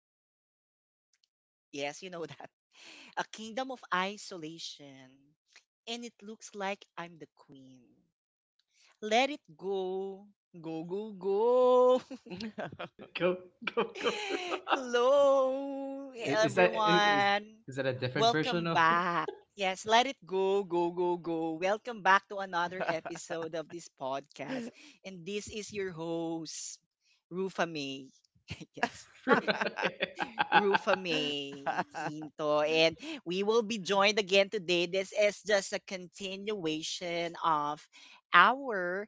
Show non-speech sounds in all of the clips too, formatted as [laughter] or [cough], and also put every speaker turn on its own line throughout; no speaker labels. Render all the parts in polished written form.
to be seen. Yes, you know that. [laughs] A kingdom of isolation, and it looks like I'm the queen. Let it go. Go, go, go.
[laughs]
[laughs] Let
right.
it go, go, go.
Hello,
[laughs]
hey,
Is that is
everyone.
is that a different version
Welcome
of?
back. Yes, let it go, go, go, go. Welcome back to another episode of this podcast. And this is your host, Rufa May. [laughs] Yes,
[laughs] Wow.
Rufa May Quinto. And we will be joined again today. This is just a continuation of our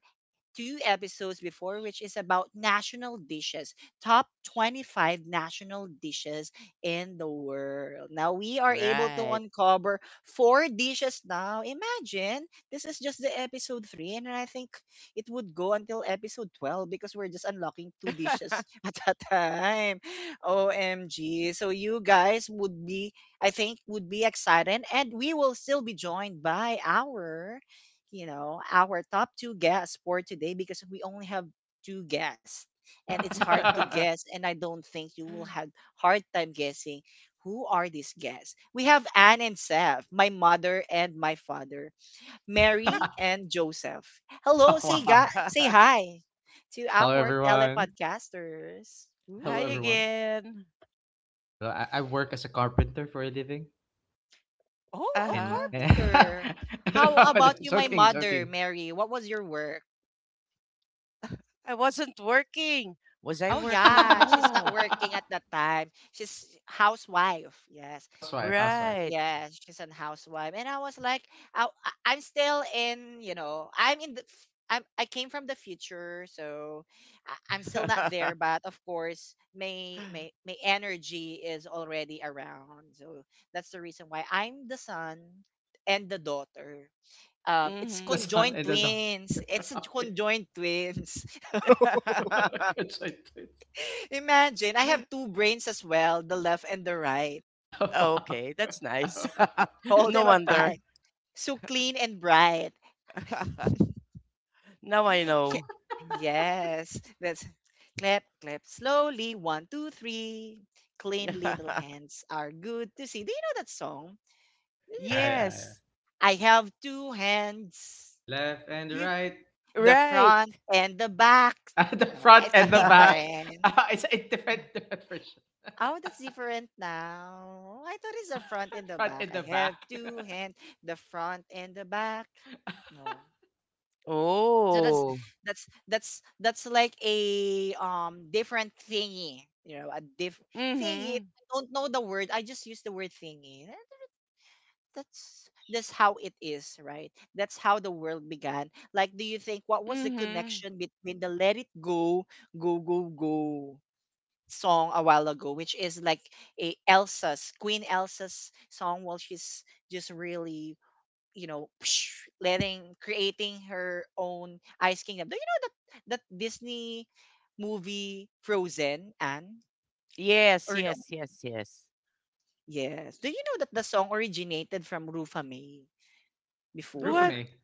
two episodes before, which is about national dishes, top 25 national dishes in the world. Now we are able to
[laughs]
uncover four dishes now. Imagine, this is just the episode three, and I think it would go until episode 12 because we're just unlocking two dishes [laughs] at a time. OMG. So you guys would be, I think, would be excited, and we will still be joined by our our top two guests for today because we only have two guests and it's hard to guess. And I don't think you will have hard time guessing who are these guests. We have Anne and Seth, my mother and my father, Mary and Joseph. Hello, say, say hi to
Hello,
our
everyone.
telepodcasters.
Hi
Hello, everyone.
Ooh.
again.
Well, I work as a carpenter for a living,
Uh
Oh, a
and,
huh.
and
carpenter.
[laughs]
How
no,
about you, my
joking,
mother,
joking.
Mary? What was your work?
I wasn't working. Was I
Oh
working?
yeah, she's not
No.
working at
[laughs]
that time. She's housewife. Yes,
Housewife, housewife.
Right.
yes, she's an housewife. And I was like, I'm still in, you know, I'm in I'm, I came from the future, so I'm still not
[laughs]
there. But of course, my my energy is already around. So that's the reason why I'm the son and the daughter. It's
The
mm-hmm.
son
conjoined
and the daughter.
twins. It's
[laughs]
a
Okay.
conjoined [laughs] twins.
[laughs] Good
[laughs]
concentrate.
[laughs] Imagine, I have two brains as well, the left and the right.
[laughs] Wow.
okay, that's
[laughs] Yeah,
nice.
[laughs]
[laughs]
Hold
no
them
wonder.
upright. So clean and bright.
[laughs] now I know.
[laughs] Yes, that's clap, clap slowly. One, two, three. Clean little
[laughs]
hands are good to see. Do you know that song?
yeah, yeah.
yes.
I have two hands,
The left and the
You
right.
the
right.
front and the back.
[laughs] At the
Oh,
front
is it
and the back.
[laughs]
[laughs]
different?
It's a different, different version.
Oh, that's different now. I thought it's the front and
[laughs]
the
Front
back.
and
I
the
have
back.
two hands, the front and the back.
[laughs]
No. So that's
oh.
that's that's that's like a different thingy. You know, a diff thingy.
Mhm,
I don't know the word. I just use the word thingy. Eh, that's how it is, right? That's how the world began. Like, do you think what was the
mhm.
connection between the let it go, go, go, go song a while ago, which is like a Elsa's Queen Elsa's song while she's just really, you know, [sniffs] [tsk] letting creating her own Ice Kingdom. Do you know that Disney movie Frozen and
Yes,
or no?
yes, yes, yes.
Yes. Do you know that the song originated from Rufa May
What?
before?
Rufame.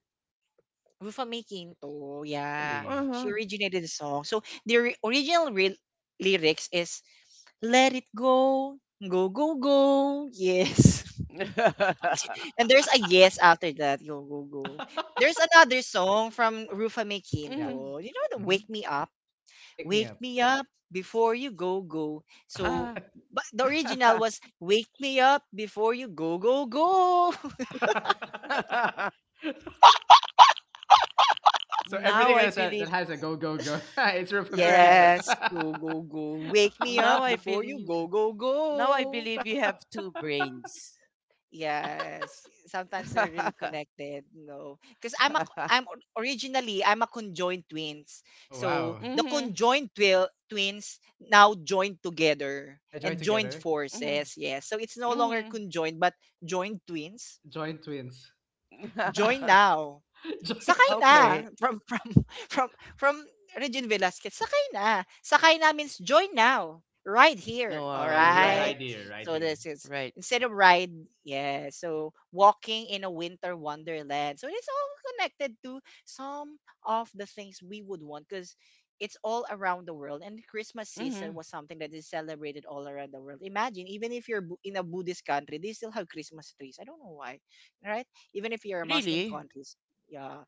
Rufa Mae Quinto, yeah.
Really?
She
Uh-huh.
originated the song. So the original lyrics is "Let it go, go go go." Yes. [laughs]
[laughs]
And there's a yes after that. Go go go. There's
[laughs]
another song from
Oh,
Rufa Mae
yeah.
Mhm.
Quinto. You know the
hmm
"Wake Me Up,"
Wake me
"Wake
up.
Me Up Before You Go Go." So,
Ah.
but the original was "Wake Me Up Before You Go Go Go." [laughs]
[laughs]
[laughs] So
Now
everything
I
that
believe
has a go, go, go, [laughs] it's Rufame Quinto.
right.
Yes, go, go, go. Wake
[laughs]
me up
Now I
before you go,
believe.
go,
Now I
go.
believe you have two brains.
Yes, sometimes they're really
[laughs]
connected, no. Because I'm a, I'm originally I'm a conjoined twins.
Oh,
So
wow.
the
Mhm,
conjoined twins now joined together
Yeah, join
and joined
together.
mhm,
forces. Yes, so it's no longer
mhm.
conjoined but joined twins.
Join twins.
Join
[laughs]
now.
[laughs] Join
Sakay
Okay.
na from [laughs] from from Regine Velasquez, "Sakay na." Sakay na means join now, ride here,
All
right here,
right.
alright?
right here, right
So
here.
this is
Right.
instead of ride, yeah, so walking in a winter wonderland. So it's all connected to some of the things we would want because it's all around the world and Christmas season
Mhm.
was something that is celebrated all around the world. Imagine even if you're in a Buddhist country, they still have Christmas trees. I don't know why, right? Even if you're a Muslim
Really?
countries, yeah.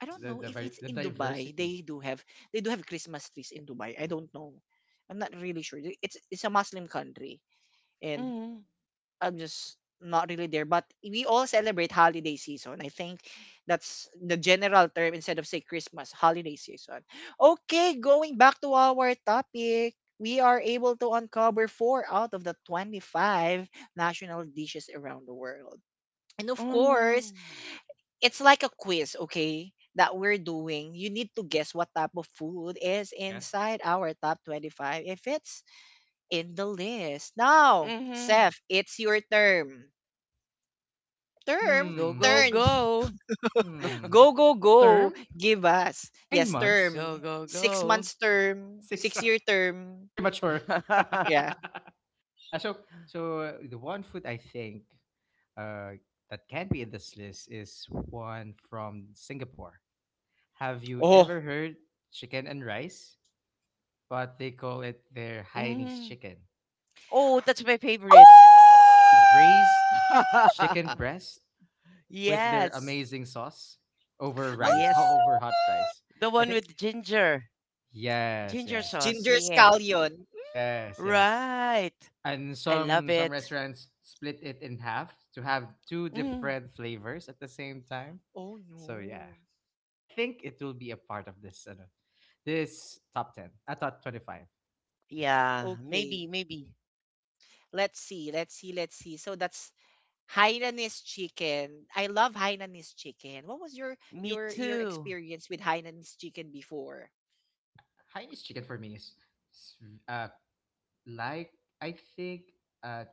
I
It's
don't
the,
know if
the,
it's
the
in Dubai.
diversity.
They do have Christmas trees in Dubai. I don't know. I'm not really sure. It's a Muslim country, and
Mhm.
I'm just not really there. But we all celebrate holiday season. I think that's the general term instead of say Christmas holiday season. Okay, going back to our topic. We are able to uncover four out of the 25 national dishes around the world. And of course,
Mhm.
it's like a quiz, okay, that we're doing. You need to guess what type of food is
Yeah.
inside our top 25 if it's in the list. Now,
Mhm.
Seth, it's your term. Term?
Go, go,
Hmm.
Turn.
go.
Hmm.
Go, go, go.
Term,
Give us.
nine
Yes,
months,
term.
Go, go,
Six
go.
months term.
six
Six
months.
year
[laughs]
term.
Premature.
[laughs]
Yeah.
[laughs] Ah, the one food I think uh, that can be in this list is one from Singapore. Have you
Oh.
ever heard chicken and rice? But they call it their Hainanese
Mm.
chicken.
Oh, that's my favorite.
[laughs]
So braised chicken
[laughs]
breast with their
Yes.
amazing sauce
Yes.
over hot rice.
The
I
one
think
with ginger.
yes,
Ginger
yes,
sauce.
Ginger
Yeah.
scallion.
yes, yes.
Right.
And
I love
some
it.
restaurants split it in half to have two
Mm.
different flavors at the same time.
Oh
So yeah,
no.
I think it will be a part of this top 10. I thought 25.
Yeah. Maybe,
Okay.
maybe.
Let's see, let's see, let's see. So that's Hainanese chicken. I love Hainanese chicken. What was your
Me
your
too.
experience with Hainanese chicken before?
Chinese chicken for me is, uh like I think uh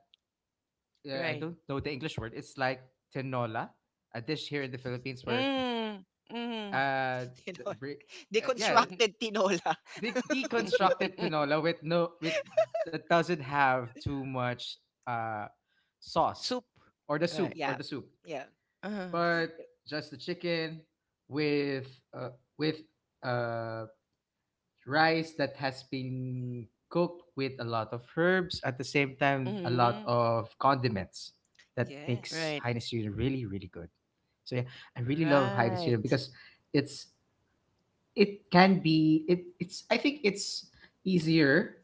yeah, I
Right.
don't know the English word. It's like tinola, a dish here in the Philippines where
Mm. Mm.
uh,
[laughs] You
the,
Tinola.
bri- yeah
Deconstructed tinola. [laughs]
de- deconstructed
[laughs]
tinola with that doesn't have too much uh sauce
Soup.
or the
Right.
soup or
Yeah.
the soup
Yeah.
Uh,
but just the chicken with uh, with uh rice that has been cooked with a lot of herbs at the same time, a lot
mm.
of condiments that
Yes.
makes
Right.
Heinz Yuna really really good. So yeah, I really love Heinz Yuna
Right.
because it's it can be it, it's I think it's easier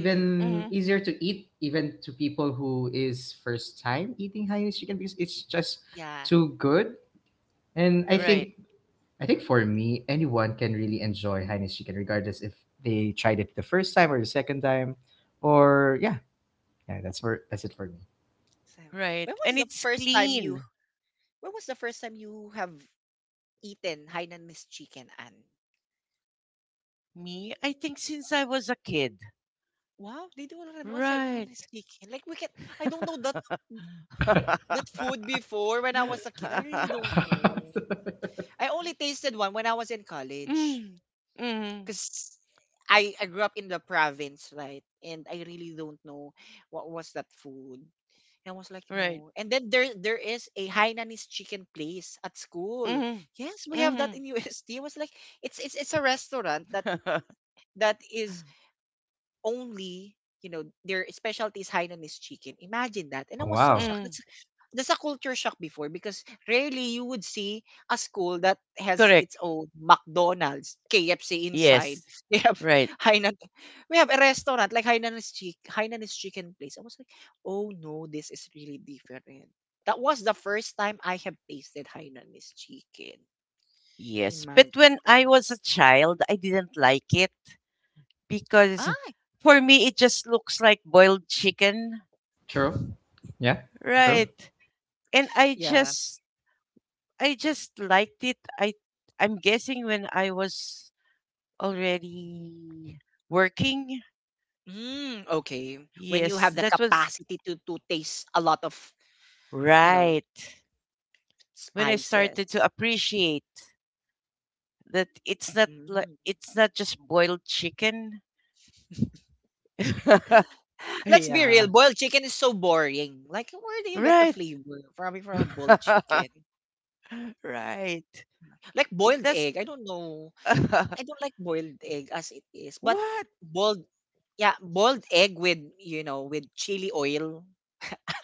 Mm-hmm.
Mm.
easier to eat, even to people who is first time eating hainanese chicken because it's just
Yeah.
too good. And i
Right.
think i think for me anyone can really enjoy hainanese chicken regardless if they tried it the first time or the second time, or yeah, yeah, that's it for me.
Same.
Right.
When
And
was the
it's
first time you
clean.
when was the first time you have eaten Hainanese chicken? And
Me, I think since I was a kid.
wow, they don't have one Hainanese
Right.
chicken. Like we can, I don't know that
[laughs]
that
[laughs]
food before. When I was a kid, I really don't know. I only tasted one when I was in college.
mm, mm,
Because I grew up in the province, right? And I really don't know what was that food. And I was like,
right.
no. And then there is a Hainanese chicken place at school.
Mm,
Yes, we have that
mm.
in [laughs] UST. Was like, it's it's a restaurant that
[laughs]
that is only, you know, their specialty is Hainanese chicken. Imagine that. And I
Oh,
was so
wow.
shocked.
mm,
That's a culture shock before because rarely you would see a school that has
correct.
its own McDonald's, KFC inside.
Yes.
[laughs] They have
Right.
Hainan. We have a restaurant like Hainanese chick Hainanese chicken place. I was like, oh no, this is really different. That was the first time I have tasted Hainanese chicken.
Yes. But when
Imagine
I
that.
was a child, I didn't like it because
Ah,
for me, it just looks like boiled chicken.
True. Yeah, true.
Right. And I
yeah.
just I just liked it. I'm guessing when I was already working.
Mm, okay. When you
Yes,
have the
that was
capacity to taste a lot of, you know,
right. When I started to
spices.
appreciate that it's not like
Mm.
it's not just boiled chicken. [laughs]
Let's be real,
yeah.
boiled chicken is so boring. Like, where do you get the
Right.
flavor? Probably from a boiled
[laughs]
chicken.
right.
Like
It
boiled
does.
egg. I don't know.
[laughs]
I don't like boiled egg as it is, but
What?
boiled, yeah, boiled egg with, you know, with chili oil.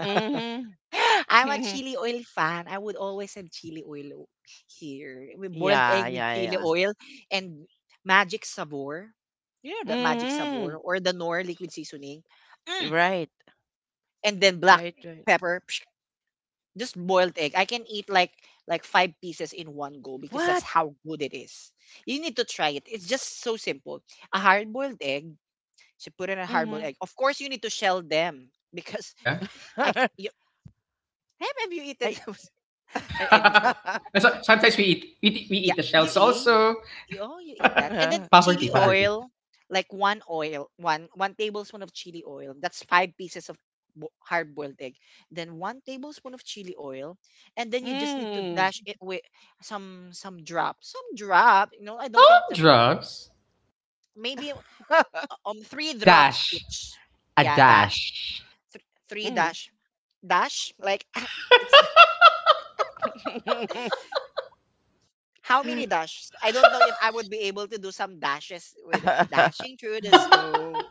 Mhm.
[laughs] I'm a
[laughs]
chili oil fan. I would always have chili oil here. With boiled
yeah,
egg with
yeah,
chili
yeah.
oil and magic sabor. You know that magic sabor
Mhm.
or the Knorr liquid seasoning. Mm.
Right.
And then black
Right, right.
pepper. Psh, just boiled egg. I can eat like five pieces in one go because that's
What?
how good it is. You need to try it. It's just so simple. A hard boiled egg. She put in a hard boiled
Mhm.
egg. Of course, you need to shell them [laughs] because
Yeah.
[laughs]
You, have you eaten
Ay.
[laughs] an egg with,
[laughs]
[laughs] And so, sometimes we eat
yeah,
the
you
shells
eat.
also.
Oh, you eat that. And then
[laughs] Poverty,
chili
poverty.
oil, like one tablespoon of chili oil. That's five pieces of hard-boiled egg. Then one tablespoon of chili oil, and then you just need to
Mm.
dash it with some drop. You know, I don't think
Some
some drop.
drugs.
Maybe three
A
drops
dash.
each.
A
Yeah, dash.
dash.
Three
Mm.
dash. Like [laughs] it's, how many dashes? I don't know if I would be able to do some dashes with
[laughs]
dashing through the
[laughs]
snow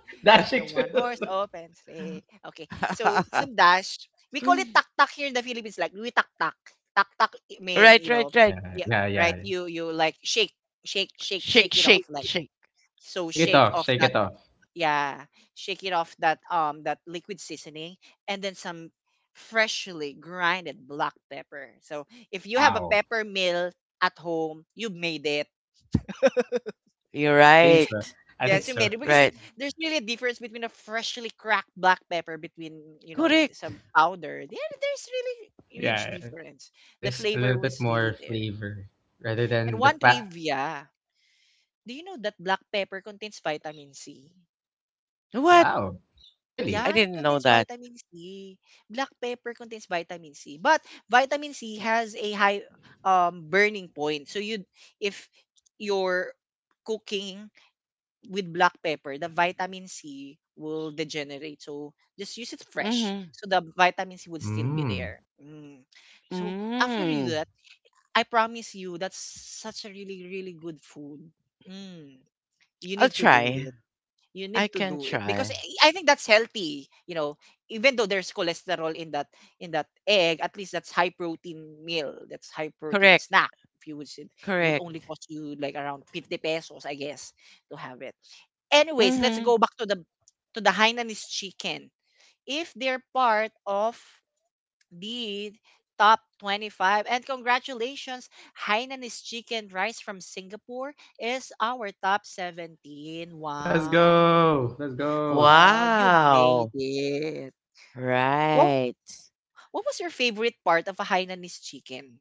in a
Dashing to
one
the
horse
floor. [laughs]
open sleigh. Okay, so some dash. We call it tak tak here in the Philippines. Like we tak tak. I mean,
right,
you
right,
know,
right.
Yeah,
yeah,
yeah, yeah.
right.
Yeah.
You like shake
Shake,
shake it
shake,
off. Like
shake.
so,
Shake it
shake
off.
off
Shake
that,
it off.
yeah, shake it off that that liquid seasoning, and then some freshly grinded black pepper. So if you have a
Wow.
pepper mill at home, you made it.
You're
I think
right.
so. I think
Yes, you
so.
made it because
Right.
there's really a difference between a freshly cracked black pepper between, you know,
Correct.
some powder. There's really huge
Yeah.
difference. The
There's a
flavor
little bit
was
more
really there.
flavor rather
And
than the
one
pack.
trivia, do you know that black pepper contains vitamin C?
What?
Wow. Really?
I
Yeah, it
didn't know
contains
that.
vitamin C. Black pepper contains vitamin C, but vitamin C has a high burning point. So you, if you're cooking with black pepper, the vitamin C will degenerate. So just use it fresh.
Mm-hmm.
So the vitamin C would still be
Mm.
there. Mm. So after you
Mm.
do that, I promise you that's such a really, really good food. Mm. You
I'll
need to do
try.
it. You
I
need to
can
do it because
try.
I think that's healthy. You know, even though there's cholesterol in that egg, at least that's high protein meal. That's high protein
Correct.
snack. If you would say it would
Correct.
only cost you like around 50 pesos, I guess, to have it. Anyways, let's
Mm-hmm.
go back to the Hainanese chicken. If they're part of the top 25 and congratulations, Hainanese chicken rice from Singapore is our top 17.
Let's go.
Wow.
Let's go.
Wow, you made
Wow.
it. What
Right.
what was your favorite part of a Hainanese chicken?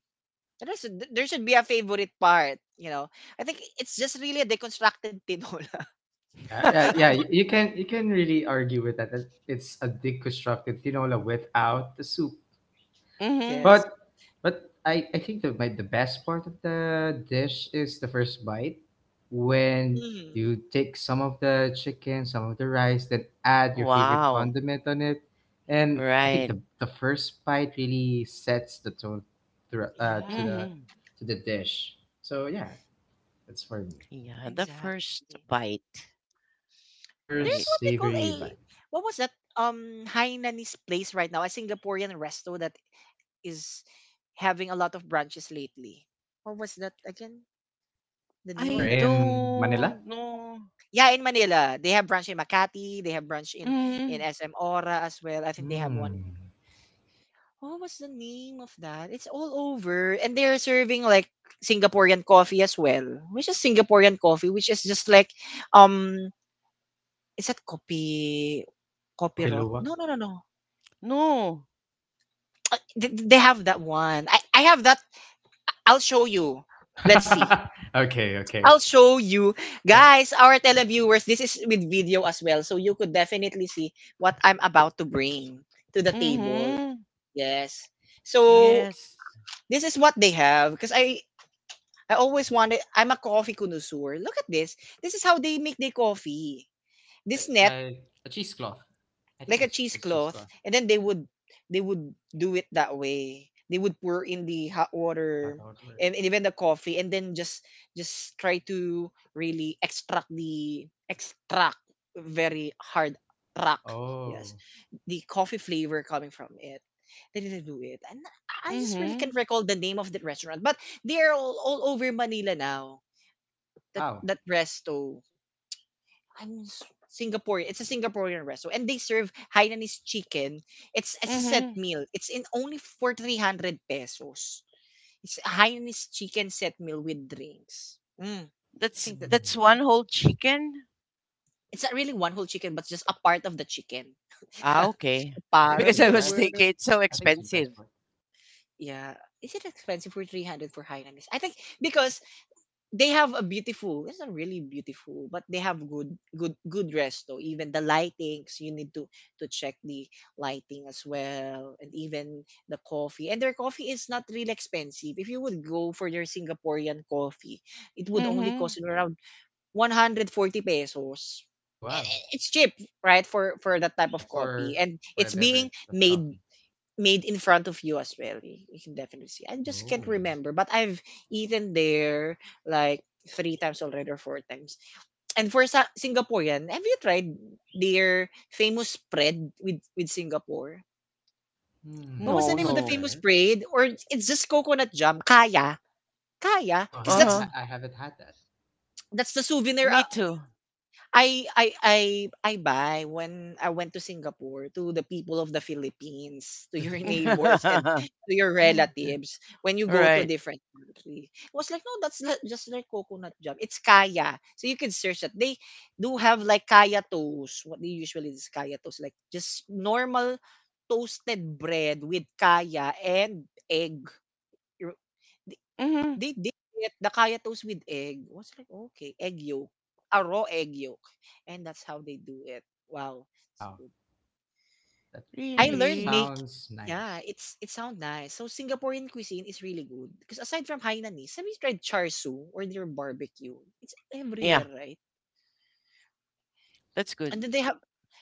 There should be a favorite part, I think it's just really a deconstructed tinola.
Yeah, yeah, yeah.
[laughs]
You can you can really argue with that. It's a deconstructed tinola without the soup.
[laughs]
mm-hmm.
But
Yes.
but I think the best part of the dish is the first bite when
Mhm.
you take some of the chicken, some of the rice, then add your favorite
Wow.
condiment on it. And I think
Right.
the first bite really sets the tone through,
Yeah.
Mm-hmm.
to the dish. So yeah, that's for me.
Yeah, the first
Exactly.
bite, right?
There's
First
what we call
savory bite.
a what was that Hainanese place right now, a Singaporean resto that is having a lot of branches lately. What was that again? The
Where
I
name of that ha-
in Manila?
don't know.
Yeah, in Manila. They have branch in Makati, they have branch
Mm-hmm.
in SM Ora as well. I think they have one.
Hmm.
What was the name of that? It's all over and they're serving like Singaporean coffee as well, which is Singaporean coffee, which is just like um is that copy
Kopi
rot?
Luwak.
No.
No.
They have that one. I have that. I'll show you. Let's see.
[laughs] Okay, okay.
I'll show you.
Yeah,
Guys, our televiewers, this is with video as well. So you could definitely see what I'm about to bring to the table.
Mm-hmm.
Yes.
yeah. Uh,
So
Yes.
this is what they have. I always wanted, I'm a coffee connoisseur. Look at this. This is how they make their coffee.
The,
This net
like a cheesecloth. I
like
think
a
it's just
cheesecloth,
cheesecloth.
and then they would do it that way. They would pour in the hot
The hot
water,
outdoor.
and even the coffee, and then just try to really extract the extract very hard rock. Yes,
Oh,
the coffee flavor coming from it. They didn't do it, and I just really can't
Mm-hmm.
recall the name of the restaurant, but they're all over Manila now, that
wow.
that resto. I'm s- Singapore. It's a Singaporean restaurant, and they serve Hainanese chicken. It's a set
Mm-hmm.
meal. It's in only for 300 pesos. It's a Hainanese chicken set meal with drinks. Mm,
That's
I think that
Hmm.
that's one whole chicken.
it's not really one whole chicken, but just a part of the chicken.
Ah, okay.
[laughs]
I
[laughs]
think
Part
it's
Because
of
a
I
your
was
work.
breast.
thinking it's so
I think it's a breast
expensive.
part.
Yeah. Is it expensive for 300 for Hainanese? I think because they have a beautiful, it's not really beautiful, but they have good good good resto. Even the lightings, you need to check the lighting as well. And even the coffee, and their coffee is not really expensive. If you would go for their Singaporean coffee, it would only
Mm-hmm.
cost you around 140 pesos.
Oh,
And
wow.
I- it's cheap, right? For that type
Uh,
of coffee,
for
and
for a
it's being
beverage of
made
coffee.
made in front of you as well. You can definitely see. I just can't
Oh.
remember, but I've eaten there like three times already or four times. Singaporean, have you tried their famous spread with Singapore?
No,
What was
Hmm.
the name of the
no.
famous
Spread.
spread? Or it's just coconut jam, kaya,
Oh,
because that's
Uh-huh.
I haven't had that.
that's the souvenir
Me too.
I I I I buy when I went to Singapore to the people of the Philippines, to your [laughs] neighbors
[laughs]
and to your relatives when you go to a
right.
different country. It was like, no, just like coconut jam. It's kaya. So you can search that. They do have like kaya toast. What they usually is kaya toast, like just normal toasted bread with kaya and egg.
Mm-hmm.
They did it, the kaya toast with egg. I was like, okay, egg yolk, a raw egg yolk. And that's how they do it. Wow. It's
[laughs] Wow.
good.
That
I
that
learned make
Really?
sounds
Yeah,
nice.
it's it sounds nice. So Singaporean cuisine is really good. Because aside from Hainanese, have you tried char siu or their barbecue? It's
Yeah,
everywhere, right?
that's good.
And then they have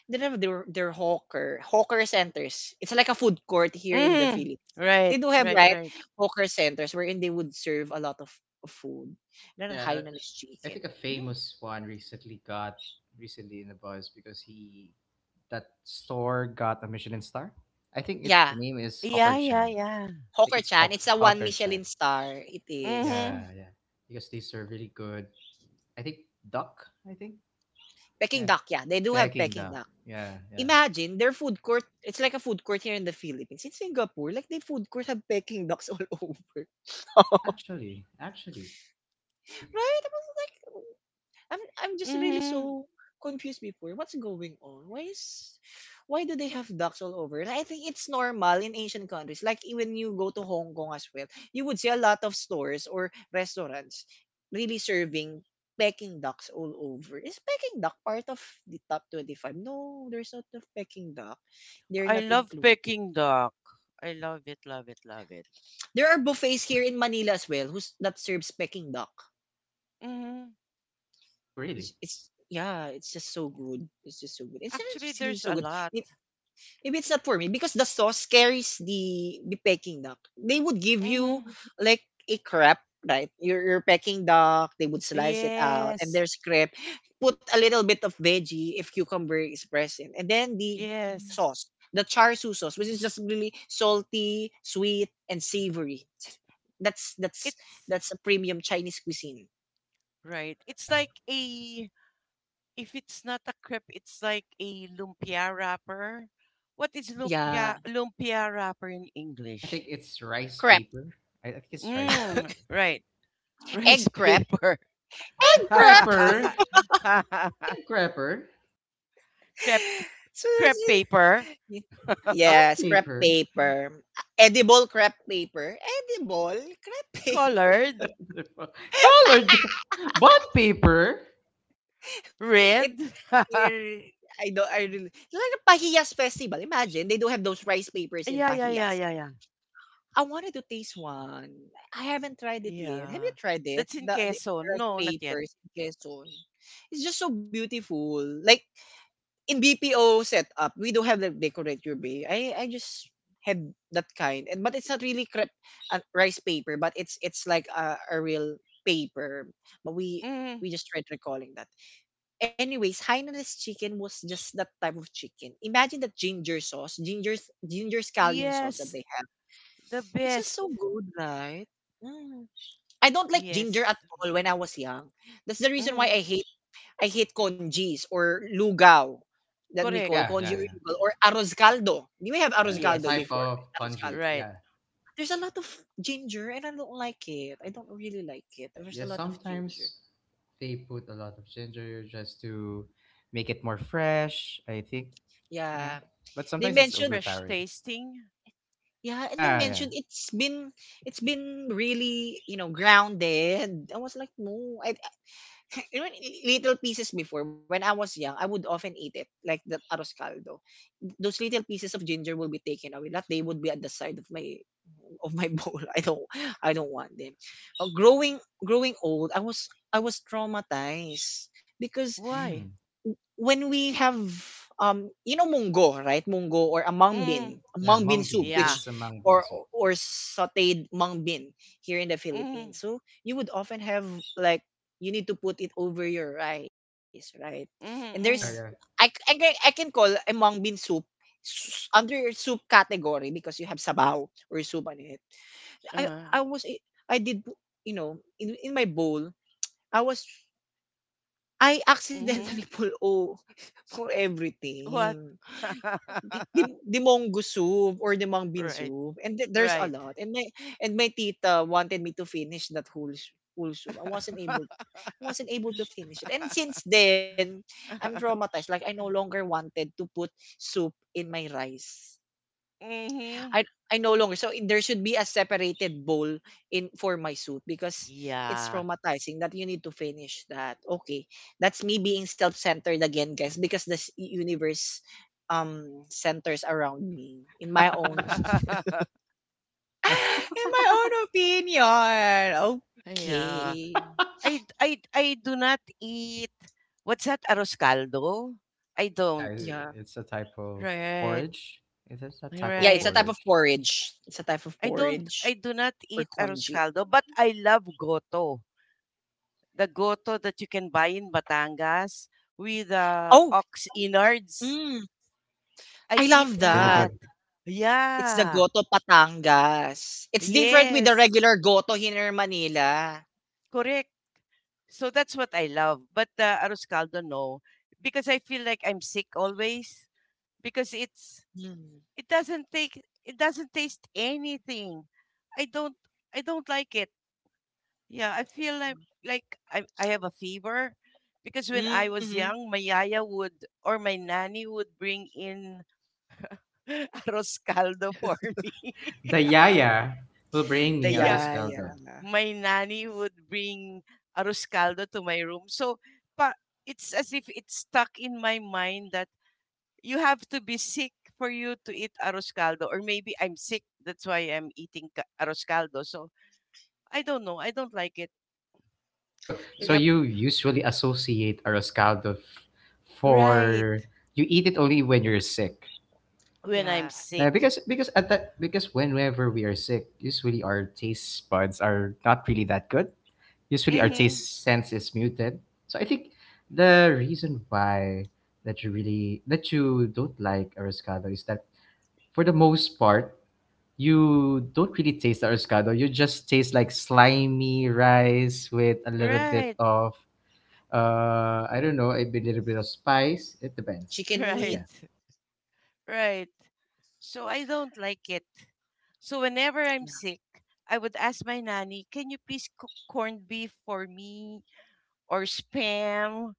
they have their hawker centers. It's like a food court here in the
Mm-hmm.
Philippines.
Right,
They do have
right,
right
right.
hawker centers wherein they would serve a lot of food. Then
Yeah,
Hainanese
I
chicken.
think a
Hmm.
famous one recently got recently in the buzz because he that store got a Michelin star. I think it
Yeah,
the name is Hawker
Yeah, yeah,
Chan.
yeah.
I think it's
Hawker-Chan. It's a one
Hawker Chan.
Michelin star. It is
Yeah,
Mhm.
yeah. Because they serve really good. I think duck. I think
Peking
yeah,
duck. Yeah, they do have
Peking
Peking
duck.
duck.
Yeah, yeah,
Imagine their food court. It's like a food court here in the Philippines. In Singapore, like they food court have Peking ducks all [laughs] over,
yeah.
[laughs]
Actually, it.
right? I was like, I'm just really
Mhm.
so confused before. What's going on? Why do they have ducks all over? And I think it's normal in Asian countries. When you go to Hong Kong as well, you would see a lot of stores or restaurants really serving Peking ducks all over. Is Peking duck part of the top 25? No, there's not a Peking duck. They're
I
not
love
included.
Peking duck. I love it, love it, love it.
There are buffets here in Manila as well who's that serves Peking duck.
Mhm.
Oh,
It's,
really?
it's yeah, it's just so good. It's just so good. It's
Actually,
just really
there's
so
a
good. I
lot.
mean, maybe it's not for me because the sauce carries the Peking duck. They would give you
Mhm.
like a crepe, right? Your Peking duck, they would slice it out, and
Yes.
there's crepe. Put a little bit of veggie if cucumber is present, and then the
Mm-hmm. Yes.
sauce, the char siu sauce, which is just really salty, sweet, and savory. That's that's
It's
that's a premium Chinese cuisine.
right. It's
Yeah.
like a, if it's not a crepe, it's like a lumpia wrapper. What is
Yeah,
lumpia wrapper in
I
English?
think it's rice
crepe,
paper. I think it's rice paper.
Mm,
[laughs]
right. Rice
egg crepe,
paper.
egg
[laughs]
crepe.
Crapper. Egg crapper.
crepe
So that's
crepe
it.
paper.
Ye-
Crap
Yes, crepe
paper.
paper. Edible crepe paper.
Colored?
[laughs] Colored bond paper.
[laughs] it,
Red?
it
[laughs]
I don't, I really like a Pahiyas festival. Imagine they do have those rice papers in
Yeah, yeah, yeah,
Pahiyas.
yeah, yeah.
I wanted to taste one. I haven't tried it yet. Have you
Yeah.
tried it?
That's in
The
Quezon.
Rice
No, not yet.
papers in Quezon. It's just so beautiful. Like in BPO setup, we don't have like decorate your bay. I just had that kind, and but it's not really crep rice paper, but it's a real paper. But we
Mm.
just tried recalling that. Anyways, Hainanese chicken was just that type of chicken. Imagine that ginger sauce, ginger scallion sauce that
Yes.
they have.
The
It's just
best.
so good, right? Mm. I don't like ginger
Yes.
at all when I was young. That's the reason why
Mm.
I hate congis or lugaw, that we
Oh,
Correct.
call
yeah,
congi
yeah,
or
yeah,
lugaw or arroz caldo. Do we have
yeah.
arroz
A
caldo
Yes.
type
before?
of
Arroz
kanji.
caldo.
Right.
Yeah.
There's a lot of ginger, and I don't like it. I don't really like it. There's
Yeah.
a lot of ginger.
Sometimes they put a lot of ginger just to make it more fresh, I think.
Yeah.
Yeah, but
They
sometimes it's
mentioned
Fresh
overpowering.
tasting.
Yeah, and they
Yeah, yeah.
mentioned it's been really, you know, grounded. I was like, no, I [laughs] you know, little pieces before when I was young, I would often eat it like the arroz caldo. Those little pieces of ginger will be taken away. Not. They would be at the side of my [laughs] bowl. I don't want them. Uh, growing Growing old, I was traumatized because
Why?
Mm.
when we have you know, munggo right, munggo or
Mm.
Yeah,
amang bean
mung
soup,
bean.
Yeah.
which
It's a mung bean
or
soup.
or sautéed mung bean here in the Philippines.
Mm.
So you would often have like you need to put it over your rice, right? And there's
Mm.
Yeah,
Mm.
I,
yeah.
c- I, ca- I can call amang bean soup under your soup category because you have sabaw or soup on it.
Uh,
I was I did You know, in my bowl I was I accidentally
mm-hmm.
[laughs] pull O for
What?
everything.
[laughs]
Di dim Demonggo soup or Demang bean
right.
soup, and the there's a
Right.
lot, and my tita wanted me to finish that whole soup.
[laughs]
I wasn't able to finish it, and since then, I'm traumatized, like, I no longer wanted to put soup in my rice.
mm-hmm.
I I no longer. So it- there should be a separated bowl in for my soup because it's
Yeah.
traumatizing that you need to finish that. Okay. That's me being self-centered again, guys, because this universe um centers around me in my own
[laughs]
[laughs]
[laughs] in my own opinion.
Yeah.
Okay.
I do not eat. What's that, arroz caldo? I
Yeah,
don't.
Yeah.
it's a type of
Right.
porridge. It is a type
Yeah,
of
it's a
Right.
type of
porridge
porridge. It's a type of
I don't
porridge
I do not
or
eat arroz
congee.
caldo, but I love goto. The goto that you can buy in Batangas with
Oh,
ox innards.
mm, I
I eat
love
that's really
that.
good.
that.
It's the
Yeah.
Goto patangas. It's different with
Yes.
the regular Goto here in Manila.
Correct. So that's what I love. But arroz caldo, no, because I feel like I'm sick always, because
Mm.
It doesn't taste anything. I don't like it. Yeah, I feel like I have a fever because when I
Hmm.
was young, my yaya would, or my nanny would bring in [laughs] arroz caldo for me. [laughs]
The yaya will bring
The
me
Yeah,
arroz caldo.
yaya.
my nanny would bring arroz caldo to my room. So, but it's as if it's stuck in my mind that you have to be sick for you to eat arroz caldo, or maybe I'm sick, that's why I'm eating ca- arroz caldo. So I don't know. I don't like it.
So
Eh,
so
Yep.
you usually associate arroz caldo for
Right.
you eat it only when you're sick.
When I'm
yeah.
sick.
Because at that because whenever we are sick, usually our taste buds are not really that good. Usually our
Mm-hmm.
taste sense is muted. So I think the reason why that you don't like arroz caldo is that for the most part you don't really taste the arroz. You just taste like slimy rice with a little bit
Right. [laughs]
of I don't know, little bit of spice. It depends.
Chicken
But
Right.
meat.
yeah.
Right. So I don't like it. So whenever I'm
Yeah.
sick, I would ask my nanny, can you please cook corned beef for me or spam?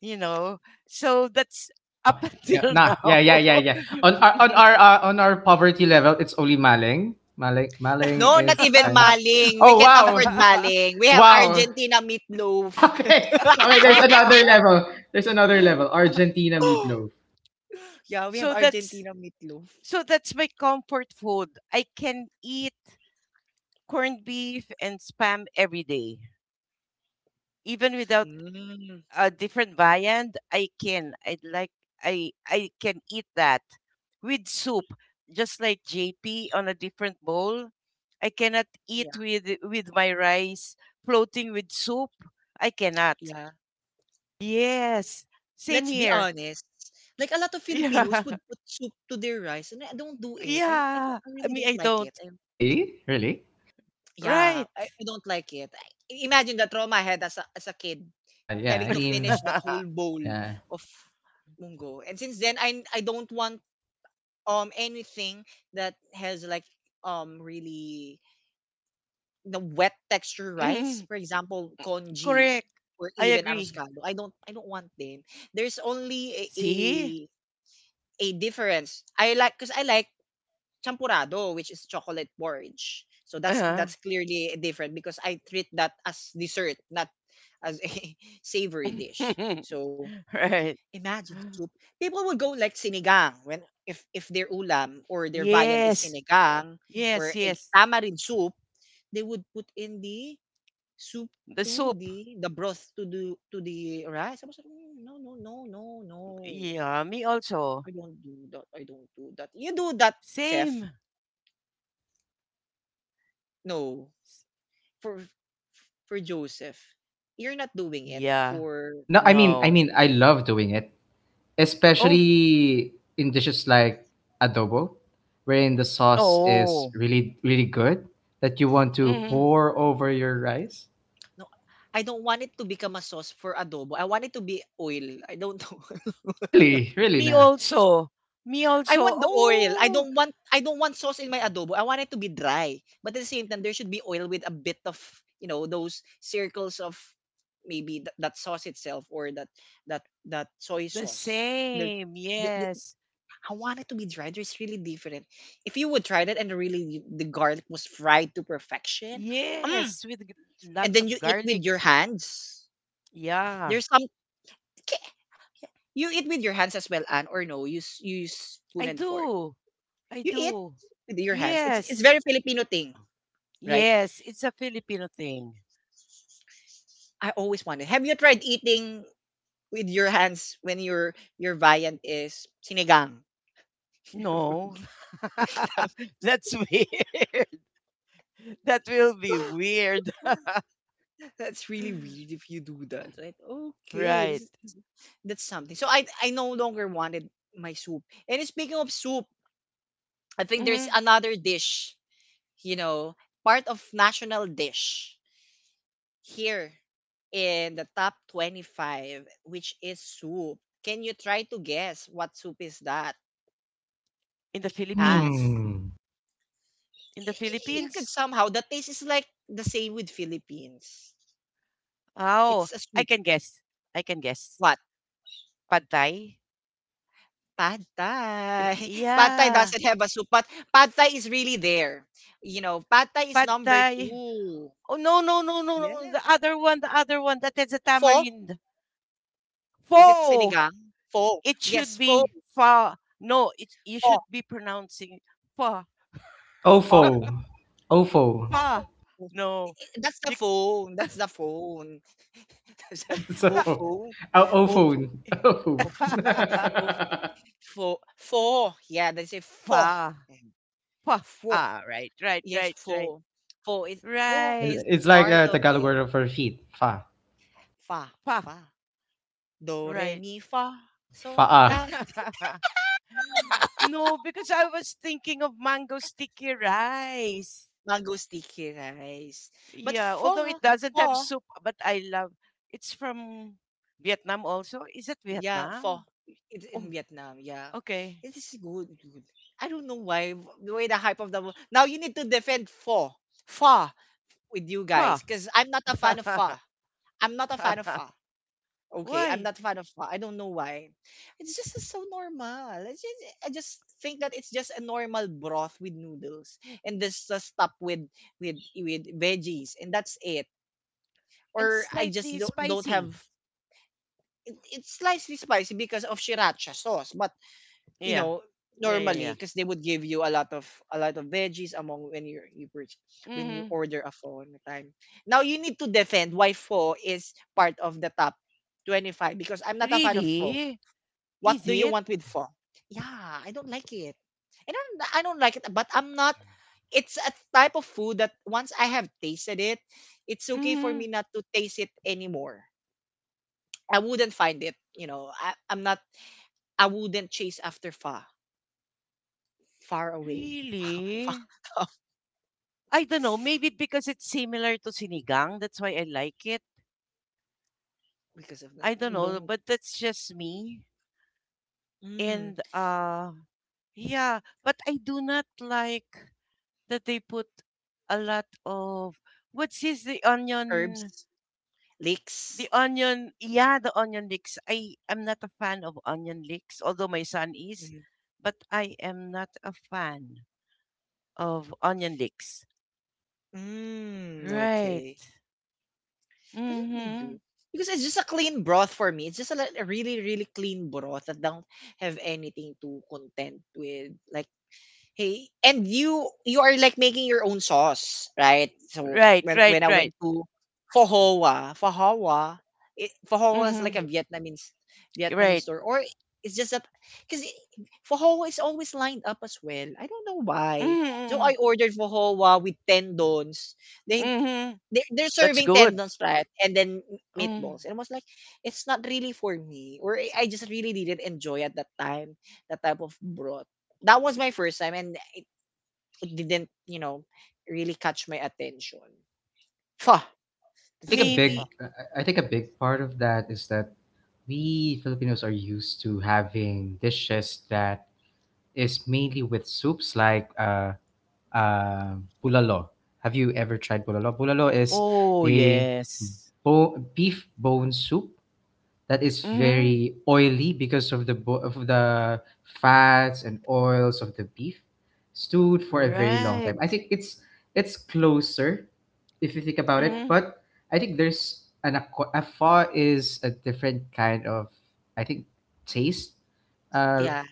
You know, so that's
Oh
up [laughs]
yeah,
until
nah,
now.
yeah, yeah, yeah, yeah. On our poverty level, it's only maling. Maling maling
No, not
is
even
Chinese.
maling. We
Oh,
can't
wow.
afford maling. We have
Wow. [laughs]
Argentina meatloaf.
Okay. Okay, there's another level. There's another level.
[gasps]
Argentina meatloaf.
[laughs] Yeah,
[laughs]
we have
so that's
Argentina meatloaf.
So that's my comfort food. I can eat corned beef and spam every day, even without
Mm.
a different viand. I can. I like. I can eat that with soup, just like JP on a different bowl. I cannot eat
Yeah,
with my rice floating with soup. I cannot.
yeah.
Yes, same
Let's be
here.
honest. Like a lot of
[laughs]
Filipinos
Yeah,
would put soup to their rice, and I don't do it. I don't.
yeah.
I
I
really
mean,
don't
I
like
don't.
it.
Really? Really?
Yeah, I
Right.
I don't like it. I imagine the trauma I had as a kid,
Yeah, I
having to
mean,
finish that whole
[laughs]
bowl
yeah.
of munggo. And since then, I don't want anything that has like really the wet texture rice,
Mhm.
for example, congee
Correct.
or
I
even
agree.
arroscado. I don't want them. There's only
See?
a difference. I like Champurado, which is chocolate porridge. So that's
Uh-huh.
that's clearly different because I treat that as dessert, not as a [laughs] savory dish.
[laughs]
So
right.
imagine soup. People would go like sinigang when if their ulam or their viand is
Yes.
sinigang or
Yes,
a
yes.
tamarind soup, they would put in the soup
The
to
soup.
the broth to the rice. I was like, "Mm, no.
Yeah, me also.
I don't do that. I don't do that. You do that, Seth.
Same.
No.
S-
for for Joseph. You're not doing it
Yeah.
for
No, I mean,
No.
I love doing it,
Oh.
mm,
especially in dishes like adobo, wherein the sauce is
Oh.
really, really good that you want to
Hmm.
pour over your rice.
no. I don't want it to become a sauce for adobo. I want it to be oil. I don't know. [laughs]
Really, really
Me
now.
also. Me
I
also.
want the oil.
Oh,
I don't want sauce in my adobo. I want it to be dry. But at the same time, there should be oil with a bit of, you know, those circles of maybe that sauce itself, or that that soy
the
sauce. There,
same.
th-
Yes.
I want it to be dried. It's really different. If you would try that, and really the garlic was fried to perfection, mm,
Yes, with g-
and
lots
then
of
you eat
garlic.
with your hands.
Yeah.
There's some K- you eat with your hands as well, Anne, or no? You use spoon
I
and fork.
do. I
You eat
do.
with your hands. It's
Yes.
very Filipino thing, right?
Yes, it's a Filipino thing.
I always wanted. Have you tried eating with your hands when your viand is sinigang?
No.
[laughs]
[laughs] That's weird. [laughs] That will be weird.
That's [gasps] really weird
[laughs]
if you do that, right? Okay, this
Right.
is- That's something. So I no longer wanted my soup. And speaking of soup, I think there's
Hmm.
another dish, you know, part of national dish here in the top 25, which is soup. Can you try to guess what soup is that?
In the
And
Philippines?
Hmm.
In the
you could
Philippines?
somehow the taste is like the same with Philippines.
Oh,
It's a
I
soup.
can guess. I can guess.
What?
Pad Thai?
Pad
Y-
Thai. [laughs] Pad Thai
Yeah.
doesn't have a soup, but Pad Thai is really there. You know, Pad Thai is
Pad
number
Thai.
two.
Oh, no, no, no, no,
Yeah.
no. The other one, the other one. That is a
Pho?
tamarind.
Is it
Pho.
sinigang? Pho.
It should
Yes, pho.
be pho. No, it, you
Pho.
should be pronouncing pho.
Pho.
Ofo. Ofo. [laughs]
Pa.
Mhm.
No.
That's the
You,
phone. That's the phone. [laughs] That's the
So,
oh
Pa.
phone.
uh,
Oh
ofo.
phone.
Ofo.
Oh phone.
[laughs]
Oh
[laughs]
phone. Pho. Pho. Yeah, they say pho.
pa.
Yeah.
Pa.
Pho.
Ah, right, right,
Yes,
right, right,
pho. Pho is pho
right,
is
It's like
part
a
of
Tagalog
it.
word for feet. Fa.
Fa.
Pa.
Fa. Do re
Right.
mi fa. So
Faa.
la
[laughs] No, because I was thinking of mango sticky rice.
mango sticky rice. But
Yeah, although
pho.
it doesn't have
Pho.
soup, but I love. It's from Vietnam also. Is it
Yeah, pho.
Vietnam?
It's
Oh,
in Vietnam. Yeah,
okay.
it is good. I don't know why the way the hype of the now you need to defend pho, pho with you
Pa.
guys because I'm not a fan of pho.
[laughs]
I'm not a fan of pho. Okay, I'm
Why?
not a fan of pho. I don't know why. It's just so normal. It's just, I just think that it's just a normal broth with noodles and just stuff with with veggies, and that's it.
And
Or I just
slightly
don't
spicy.
have it, it's slightly spicy because of sriracha sauce, but you
Yeah.
know
Yeah, yeah,
normally
yeah.
because they would give you a lot of veggies among when you purchase when you
Mhm.
order a pho in the time now you need to defend why pho is part of the top 25 because I'm not a fan of pho.
Really?
What
Is
do you
it?
want with pho? Yeah, I don't like it. And I don't like it, but I'm not, it's a type of food that once I have tasted it, it's okay for me
Mhm.
not to taste it anymore. I wouldn't find it, you know, I, I'm not I wouldn't chase after pho far away. [laughs] Far
Really? I don't know. Maybe because it's similar to sinigang, that's why I like it.
because of
I don't
that.
know,
Don't
but that's just me.
mm,
And yeah, but I do not like that they put a lot of, what's this, the onion,
herbs
the
lakes.
onion, yeah, the onion leeks. I am not a fan of onion leeks, although my son
Mm,
is, but I am not a fan of onion leeks. Right.
okay, didn't they
Mm-hmm.
do? Because it's just a clean broth for me. It's just a, a really really clean broth that don't have anything to contend with, like, Hey, and you are like making your own sauce, right? So
Right, right,
when I
right.
went to Pho Hoa, it, Pho Hoa is like
Mm-hmm.
a Vietnamese
Right.
store, or it's just that because Pho Hoa is always lined up as well. I don't know why. So
Mm-hmm.
I ordered Pho Hoa with tendons. They
Mm-hmm.
they're
That's
serving
good.
tendons, right? And then
Mm.
meatballs. And I was like, it's not really for me, or I just really didn't enjoy at that time that type of broth. That was my first time, and it didn't, you know, really catch my attention. Fuck,
I
this
think a
is a
big,
Maybe.
fuck.
I I think a big part of that is that we Filipinos are used to having dishes that is mainly with soups like uh, bulalo. Have you ever tried bulalo? Bulalo is
Oh,
a
yes.
beef bone soup that is
Mm-hmm.
very oily because of the fats and oils of the beef stewed for a very long time. I
Right.
think it's closer if you think about
Yeah,
it,
Mm-hmm.
but I think there's a pho is a different kind of I think taste. Uh,
yeah,